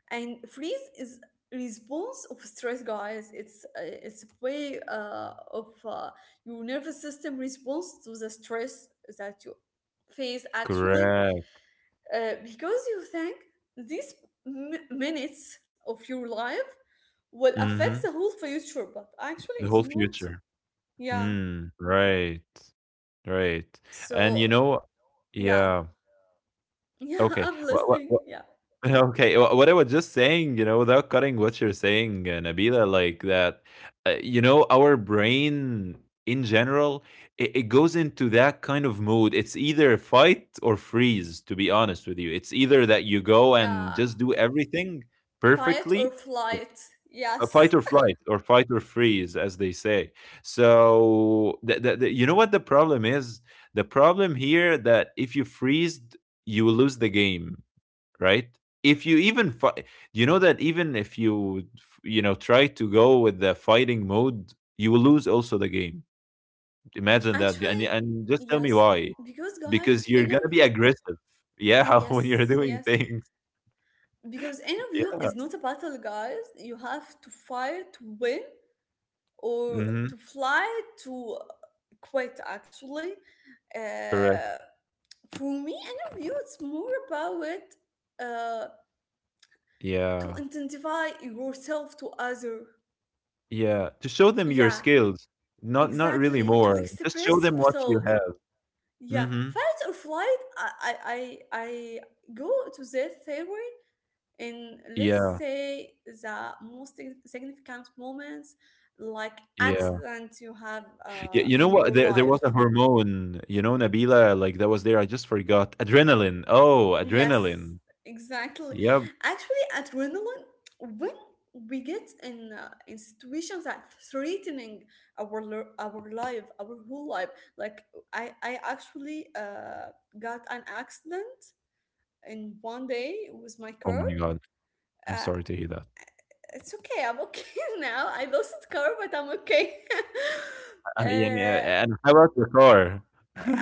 B: and freeze is response of stress, guys. It's a way of your nervous system response to the stress that you face actually,
A: correct.
B: because you think these minutes of your life will affect
A: Mhm.
B: the whole future, but actually
A: The
B: it's
A: whole
B: not.
A: future.
B: Yeah.
A: Mm, right, right. And you
B: So
A: know,
B: yeah,
A: yeah,
B: yeah,
A: okay.
B: I'm
A: What what
B: listening.
A: what
B: Yeah.
A: okay, what I was just saying, you know, without cutting what you're saying, Nabila, like that, you know, our brain in general, it goes into that kind of mood. It's either fight or freeze, to be honest with you. It's either that you go and
B: Yeah,
A: just do everything
B: fight
A: perfectly.
B: or flight.
A: A fight
B: Yes.
A: or flight, or fight or freeze, as they say. So, you know what the problem is? The problem here that if you freeze, you will lose the game, right? If you even fight, you know that even if you, you know, try to go with the fighting mode, you will lose also the game. Imagine that,
B: Actually,
A: and just tell me
B: yes.
A: why,
B: Because
A: because
B: guys,
A: you're gonna
B: interview.
A: be aggressive, yeah, when you're
B: Yes,
A: doing
B: yes.
A: things,
B: Because interview
A: yeah.
B: is not a battle, guys. You have to fight to win or to
A: Hmm.
B: fly to quit, actually.
A: Correct.
B: Uh, for me, interview it's more about it uh, to
A: Yeah.
B: intensify yourself to other.
A: Yeah, to show them your
B: Yeah,
A: skills, not not
B: exactly.
A: really
B: To
A: more. Just
B: express
A: show them what
B: yourself.
A: you have.
B: Yeah,
A: Mhm.
B: fight or flight. I go to the theory in, let's
A: Yeah,
B: say, the most significant moments, like
A: yeah.
B: accident you have
A: Y you
B: in
A: know what?
B: your
A: There
B: life.
A: was a hormone, you know, Nabila, like that was there. I just forgot. Adrenaline. Oh,
B: Yes,
A: adrenaline.
B: exactly.
A: Yep.
B: Actually, adrenaline when we get in situations that threatening our our life, our whole life. Like I actually got an accident in one day. It was my
A: Oh
B: car.
A: my God. I'm
B: Uh,
A: sorry to hear that.
B: it's okay. I'm okay now. I lost the car, but I'm okay.
A: Yeah,
B: uh,
A: yeah, and how about your car?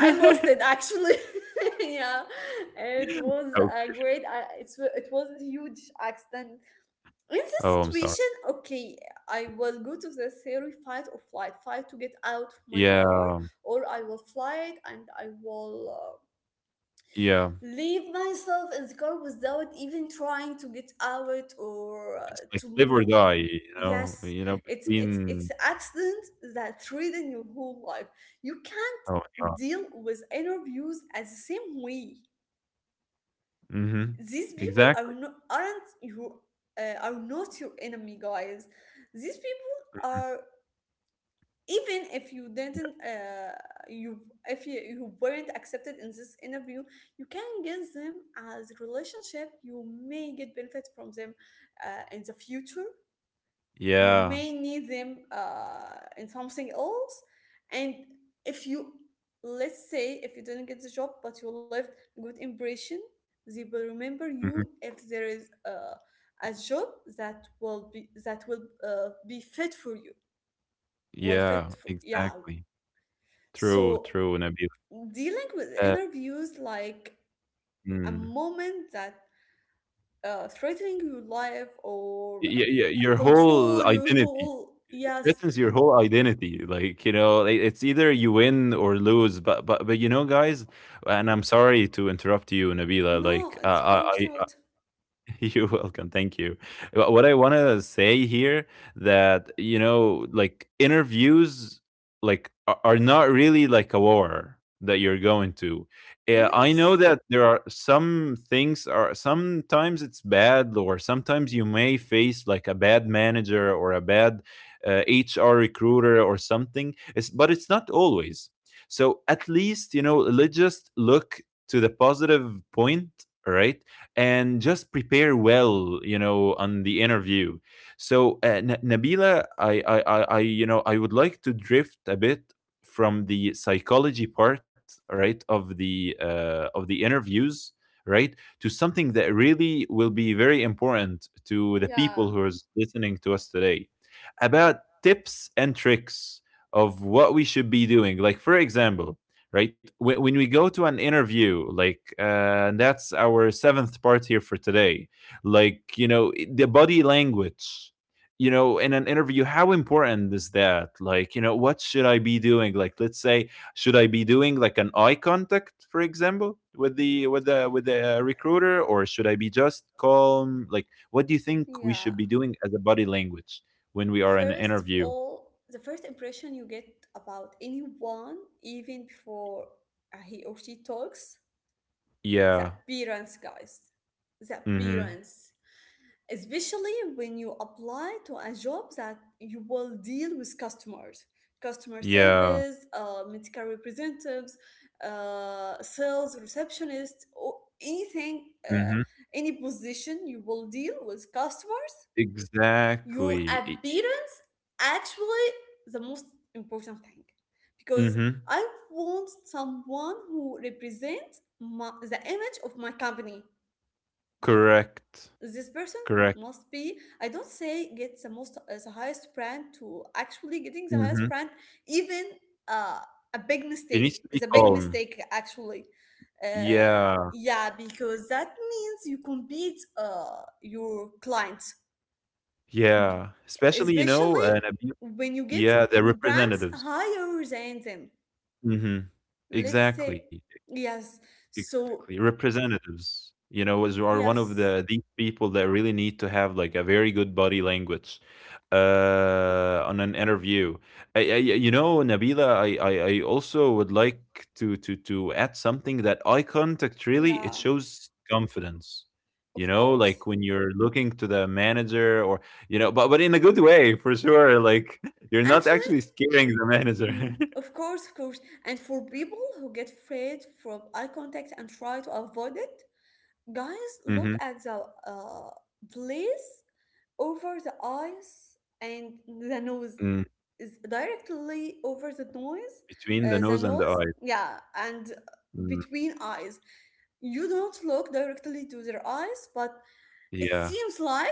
B: I lost it actually. yeah, it was
A: Oh,
B: a great. It was a huge accident. In this
A: oh, I'm sorry.
B: situation, okay, I will go to the theory fight or flight, fight to get out of my car,
A: Yeah,
B: or I will fly it and I will.
A: yeah.
B: Leave myself in the car without even trying to get out, or
A: It's like
B: to
A: live or
B: move.
A: die,
B: Yes,
A: you know,
B: it's
A: between.
B: it's accident that threaten your whole life. You
A: Oh my
B: can't
A: God.
B: deal with interviews as the same way.
A: Mhm.
B: These people
A: Exactly.
B: aren't your are not your enemy, guys. These people are, even if you didn't you if you weren't accepted in this interview, you can get them as relationship. You may get benefit from them in the future. You
A: Yeah.
B: may need them in something else. And if you, let's say, if you didn't get the job, but you left a good impression, they will remember
A: Mhm.
B: you if there is a job that will be fit for you, will fit
A: Yeah,
B: for, yeah.
A: exactly. True,
B: So,
A: true, Nabil.
B: dealing with
A: Uh,
B: interviews like a
A: mm.
B: moment that threatening your life
A: Y
B: or
A: y your whole
B: control your
A: identity.
B: whole,
A: It
B: yes.
A: threatens your whole identity. Like, you know, I it's either you win or lose. But but you know, guys, and I'm sorry to interrupt you, Nabila.
B: No,
A: Like,
B: it's of course
A: I
B: not.
A: you're welcome. Thank you. What I want to say here, that you know, like interviews, like are not really like a war that you're going to. I know
B: Yes.
A: that there are some things are sometimes it's bad, or sometimes you may face like a bad manager or a bad HR recruiter or something. It's, but it's not always. So at least you know, let's just look to the positive point, right? And just prepare well, you know, on the interview. So Nabila, I you know, I would like to drift a bit from the psychology part, right, of the interviews, right, to something that really will be very important to the people
B: Yeah.
A: who are listening to us today, about tips and tricks of what we should be doing, like for example, right? When we go to an interview, like that's our seventh part here for today. Like, you know, the body language. You know, in an interview, how important is that? Like, you know, what should I be doing? Like, let's say, should I be doing like an eye contact, for example, with the with the recruiter, or should I be just calm? Like, what do you think we should
B: Yeah.
A: be doing as a body language when we are in an
B: First of
A: interview?
B: all, the first impression you get about anyone, even before he or she talks, the
A: Yeah.
B: appearance, guys. The
A: Mm-hmm.
B: appearance. Especially when you apply to a job that you will deal with customers, customer
A: Yeah.
B: service, medical representatives, sales receptionist, or anything,
A: Mm-hmm.
B: any position you will deal with customer, your
A: Exactly. I
B: appearance, actually, the most important thing, because
A: mhm.
B: I want someone who represents my, the image of my company.
A: Correct.
B: This person
A: Correct.
B: must be, I don't say get the most the highest brand, to actually getting the highest
A: Mhm.
B: brand, even uh, a big
A: He needs
B: mistake
A: to be
B: is a big
A: calm.
B: mistake actually,
A: Yeah.
B: yeah, because that means you compete your clients. B-
A: Yeah. Especially, you know,
B: Especially
A: an abu
B: when you get
A: yeah, the
B: brands
A: representatives.
B: higher than them.
A: Mhm.
B: Let's say,
A: Exactly.
B: yes.
A: Exactly,
B: So,
A: representatives, you know, was are one of
B: yes,
A: the these people that really need to have like a very good body language on an interview. You know, Nabila, I also would like to add something that eye contact really it
B: yeah,
A: shows confidence. You
B: of
A: know,
B: course.
A: like when you're looking to the manager, or you know, but in a good way for sure. Like you're not
B: Actually,
A: actually scaring the manager.
B: mm, of course, of course. And for people who get afraid from eye contact and try to avoid it, guys, look
A: hmm
B: at the place over the eyes and the nose,
A: Mm.
B: is directly over the nose,
A: Between the
B: the
A: nose and the
B: nose,
A: eye.
B: yeah, and
A: Mm.
B: between eyes. You don't look directly to their eyes, but it
A: Yeah.
B: seems like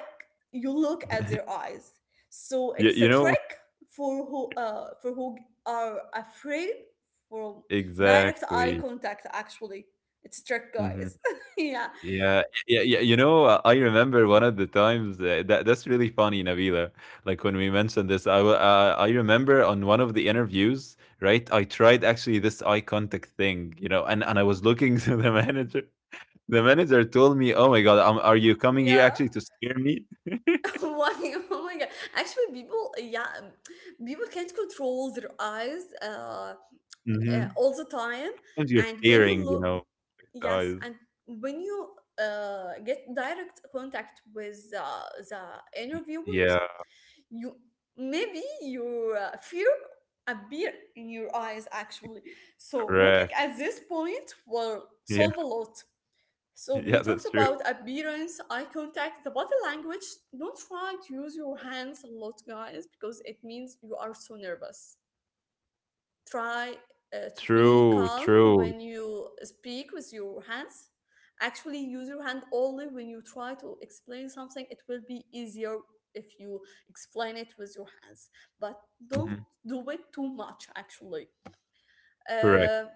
B: you look at their eyes. So
A: You
B: it's
A: you
B: a
A: know
B: trick for who, for who are afraid from direct eye
A: exactly.
B: contact. Actually, it's a trick,
A: Mhm.
B: guys. Yeah,
A: Yeah, yeah, yeah, I remember one of the times, that's really funny, Nabila. Like, when we mentioned this, I remember on one of the interviews, right, I tried actually this eye contact thing, you know, and I was looking to the manager. The manager told me, "Oh my god, are you coming here
B: yeah.
A: actually to scare me?"
B: Why? Oh my god. Actually, people, yeah, people can't control their eyes
A: Mhm.
B: all the time.
A: And you're
B: And when you
A: staring, you
B: look,
A: know, the eyes.
B: yes, and when you get direct contact with the
A: Y
B: interviewers,
A: Yeah,
B: you, maybe your fear appear in your eyes, actually. So looking
A: correct.
B: at this point will
A: Yeah,
B: solve a lot. So we
A: yeah,
B: talked
A: that's
B: about
A: true.
B: appearance, eye contact, the body language. Don't try to use your hands a lot, guys, because it means you are so nervous. Try to be
A: True,
B: calm
A: true.
B: when you speak with your hands. Actually, use your hand only when you try to explain something. It will be easier if you explain it with your hands, but don't
A: Mhm.
B: do it too much. Actually, uh,
A: Correct.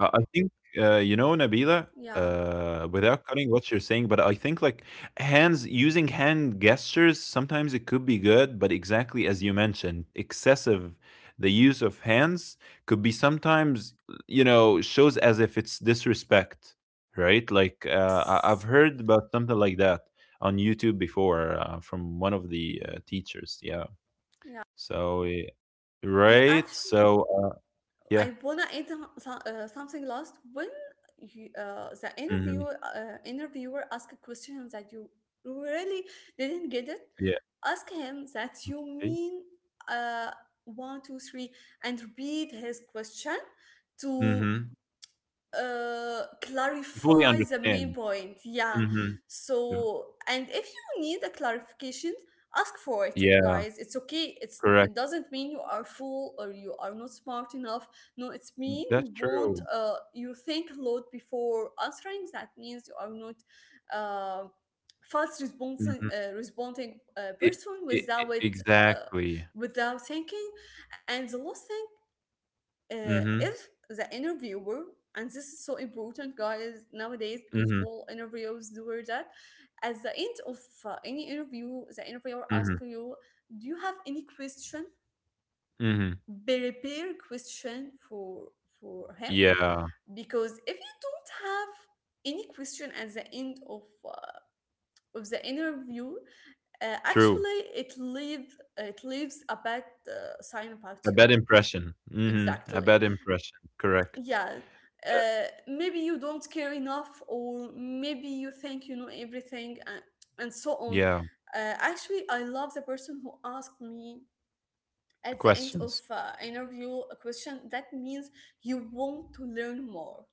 A: I think, you know, Nabila,
B: yeah,
A: without cutting what you're saying, but I think like hands, using hand gestures, sometimes it could be good, but exactly as you mentioned, excessive, the use of hands could be sometimes, shows as if it's disrespect, right? Like, I've
B: yes,
A: heard about something like that on YouTube before from one of the teachers. Yeah.
B: yeah,
A: So, eh,
B: and
A: right.
B: actually
A: Yeah.
B: I wanna add something last. When you, the
A: hmm
B: interviewer interviewer ask a question that you really didn't get it,
A: Yeah.
B: ask him that you
A: Right?
B: mean uh, one, two, three, and repeat his question to
A: Mm-hmm. Fully
B: clarify the main
A: understand.
B: point. Yeah.
A: Mhm. Yeah.
B: So, and if you need a clarification, ask for it,
A: Yeah,
B: guys. It's okay. It's,
A: correct.
B: it doesn't mean you are fool or you are not smart enough. No, it's
A: Mm,
B: mean
A: that's
B: you won't.
A: true.
B: You think a lot before answering. That means you are not. Uh, fast responding
A: Mhm.
B: responding
A: It
B: person
A: it
B: without uh,
A: exactly.
B: without thinking. And the last thing,
A: Mhm.
B: if the interviewer, and this is so important, guys, nowadays, because
A: Mhm.
B: all interviewers do that, at the end of any interview the interviewer asks
A: Mhm.
B: you, do you have any question?
A: Mhm.
B: Prepare question for him,
A: Yeah,
B: because if you don't have any question at the end of the interview,
A: true.
B: actually it leaves a bad sign about
A: A
B: you.
A: bad impression. Mhm. A
B: Exactly.
A: bad impression, correct.
B: Yeah.
A: Uh,
B: Maybe you don't care enough, or maybe you think you know everything, and so on.
A: yeah,
B: Actually I love the person who asked me at the end of
A: questions.
B: interview a question that means you want to learn more.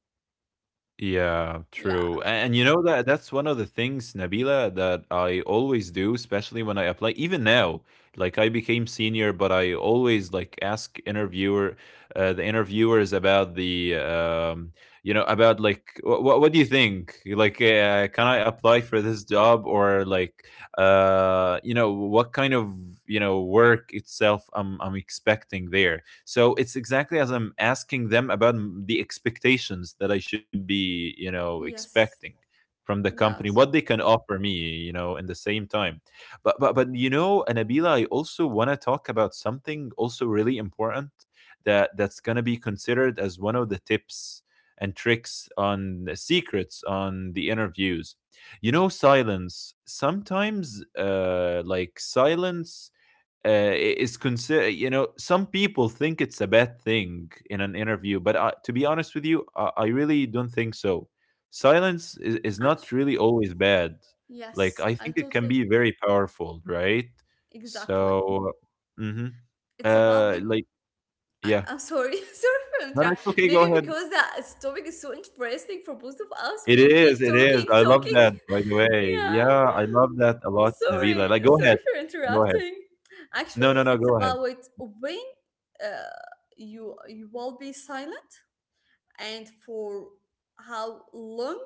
A: Yeah, true.
B: Yeah.
A: And you know that's one of the things, Nabila, that I always do, especially when I apply. Even now, like I became senior, but I always like ask interviewer, the interviewers about the, you know, about like what do you think? Like, can I apply for this job or like, you know, what kind of you know work itself I'm expecting there, so it's exactly as I'm asking them about the expectations that I should be, you know,
B: Yes,
A: expecting from the company,
B: yes,
A: what they can offer me, you know, in the same time. But you know, Anabila, I also want to talk about something also really important that's going to be considered as one of the tips and tricks on the secrets on the interviews. You know, silence sometimes, like silence, uh, is consider, you know, some people think it's a bad thing in an interview, but to be honest with you, I really don't think so. Silence is not
B: actually,
A: really always bad. Like
B: yes,
A: I
B: I
A: think it can
B: totally,
A: be very powerful, right?
B: exactly,
A: So mhm.
B: it's about
A: uh
B: it.
A: like
B: I,
A: yeah.
B: I'm sorry, sorry for
A: No,
B: interrupt.
A: that's okay, go
B: Maybe
A: ahead.
B: because the topic is so interesting for both of us, we keep
A: It is, I love
B: talking.
A: that by the way,
B: Yeah.
A: yeah, I love that a lot,
B: Sorry,
A: Nabila, like go
B: sorry
A: ahead.
B: for
A: Go ahead.
B: interrupting.
A: No,
B: Actually,
A: no, no,
B: it's
A: go ahead.
B: about when uh, you will be silent, and for how long,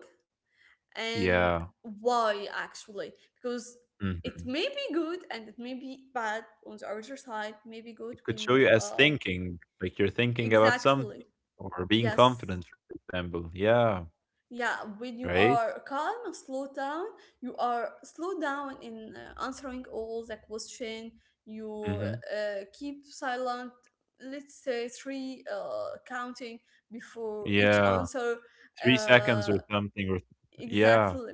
B: and
A: Yeah.
B: why, actually, because it
A: Mhm.
B: may be good and it may be bad on the other side. May be good
A: It could
B: when
A: show
B: you,
A: you as
B: um,
A: thinking, like you're thinking about something
B: exactly.
A: or being
B: Yes.
A: confident, for example. Yeah,
B: Yeah, when you
A: right?
B: are calm and slow down, you are slow down in answering all the question. You
A: hmm
B: keep silent, let's say three counting before each
A: Yeah,
B: answer.
A: 3 seconds
B: Uh,
A: or something. Or yeah,
B: exactly.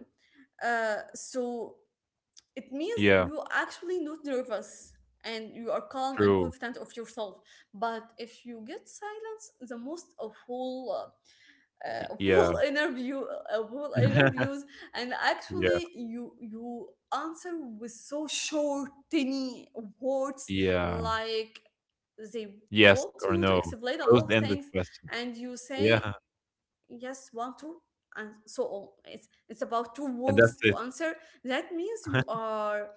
B: So it means
A: yeah,
B: you actually not nervous, and you are calm and
A: true.
B: confident of yourself. But if you get silence, the most of whole
A: Yeah,
B: full interviews, and
A: yeah,
B: actually you answer with so short tiny words,
A: yeah.
B: like they
A: Yes
B: want you
A: or
B: to
A: no.
B: explain a lot of
A: Closed-ended
B: things,
A: question.
B: and you say
A: Yeah,
B: yes, one, two, and so on. It's about two
A: and that's
B: words
A: it.
B: to answer. That means you are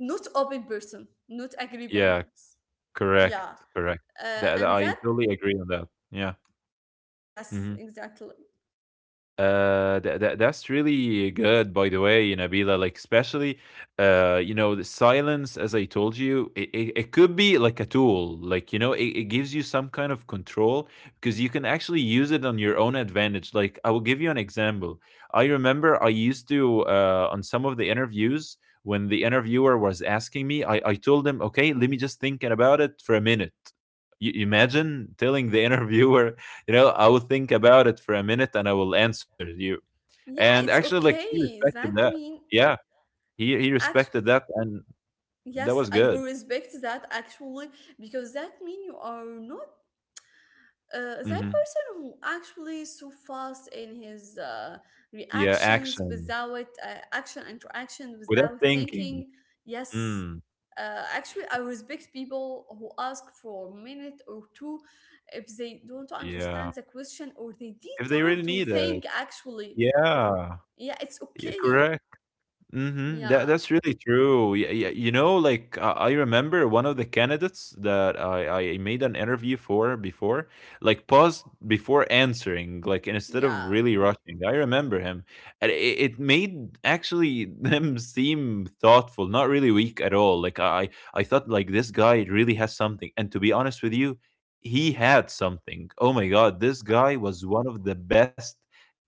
B: not open person, not agreeable
A: Yeah,
B: ones.
A: correct,
B: Yeah.
A: correct. That
B: And
A: I
B: that,
A: totally agree on that. Yeah.
B: yes,
A: hmm
B: exactly,
A: That's really good, by the way, Nabila. Like especially, you know, the silence, as I told you, it could be like a tool. Like you know, it gives you some kind of control because you can actually use it on your own advantage. Like I will give you an example. I remember I used to on some of the interviews, when the interviewer was asking me, I told him, okay, let me just think about it for a minute. You imagine telling the interviewer, you know, I will think about it for a minute and I will answer you. And
B: yeah, it's
A: actually, like he
B: okay,
A: respected
B: that
A: that.
B: mean.
A: Yeah, he respected that, and that
B: Yes,
A: was
B: I
A: good.
B: will respect that, actually, because that mean you are not that
A: hmm
B: person who actually so fast in his
A: Yeah,
B: reactions
A: action
B: without action interaction
A: without
B: without
A: thinking.
B: thinking. Yes,
A: Mm,
B: actually I respect people who ask for a minute or two if they don't
A: yeah,
B: understand the question or they need
A: if they
B: time
A: really
B: to
A: need it.
B: think, actually.
A: Yeah,
B: Yeah, it's
A: yeah,
B: okay.
A: correct. Mhm.
B: Yeah,
A: That's really true. Yeah, yeah. You know, like I remember one of the candidates that I made an interview for before, like paused before answering, like instead of
B: yeah.
A: really rushing. I remember him, and it made actually them seem thoughtful, not really weak at all. Like I thought like this guy really has something, and to be honest with you, he had something. Oh my god, this
B: Wow.
A: guy was one of the best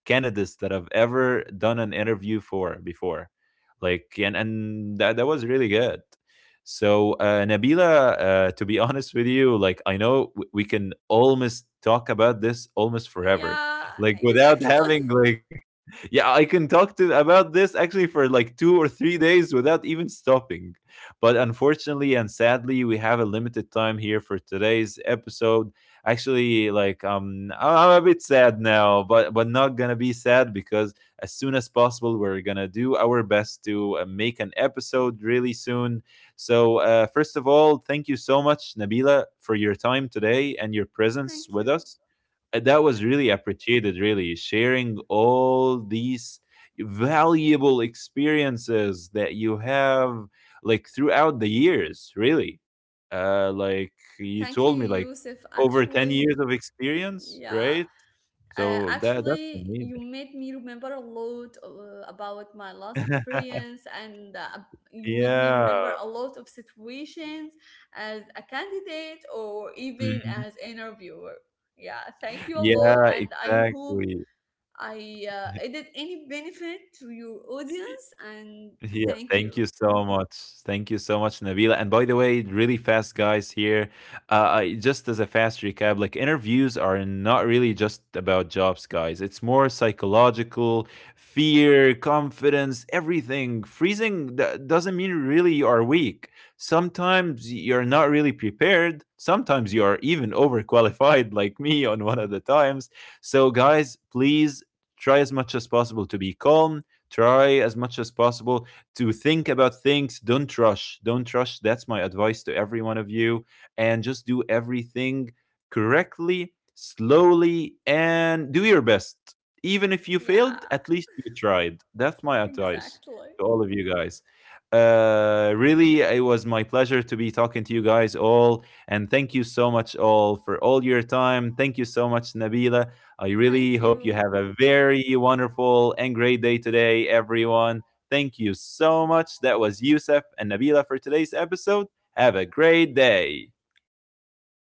A: candidates that I've ever done an interview for before, like and that was really good. So Nabila, to be honest with you, like I know we can almost talk about this almost forever,
B: Yeah,
A: like without
B: exactly.
A: having like yeah, I can talk to about this actually for like two or three days without even stopping. But unfortunately and sadly, we have a limited time here for today's episode. Actually, like I'm a bit sad now, but not gonna be sad because as soon as possible, we're gonna do our best to make an episode really soon. So first of all, thank you so much, Nabila, for your time today and your presence
B: Thank
A: with
B: you.
A: us, that was really appreciated, really sharing all these valuable experiences that you have like throughout the years, really, uh like you
B: Thank you,
A: told me like
B: Yusuf.
A: over 10
B: Actually,
A: years of experience,
B: yeah.
A: right? So that that's
B: Actually, you
A: amazing.
B: made me remember a lot about my last experience, and you made me
A: Yeah.
B: remember a lot of situations as a candidate or even
A: Mhm.
B: as interviewer. Yeah, thank you a lot,
A: Yeah,
B: and I hope
A: exactly.
B: I added any benefit to your audience. And
A: Yeah,
B: thank
A: thank
B: you.
A: you so much. Thank you so much, Nabila. And by the way, really fast, guys, here. Just as a fast recap, like interviews are not really just about jobs, guys. It's more psychological, fear, confidence, everything. Freezing doesn't mean really you are weak. Sometimes you're not really prepared. Sometimes you are even overqualified, like me on one of the times. So, guys, please try as much as possible to be calm. Try as much as possible to think about things. Don't rush. Don't rush. That's my advice to every one of you. And just do everything correctly, slowly, and do your best. Even if you failed,
B: Yeah,
A: at least you tried. That's my advice
B: exactly.
A: to all of you guys. Really, it was my pleasure to be talking to you guys all. And thank you so much, all, for all your time. Thank you so much, Nabila. I
B: Thank
A: really hope you
B: you.
A: have a very wonderful and great day today, everyone. Thank you so much. That was Youssef and Nabila for today's episode. Have a great day.
B: Thank you.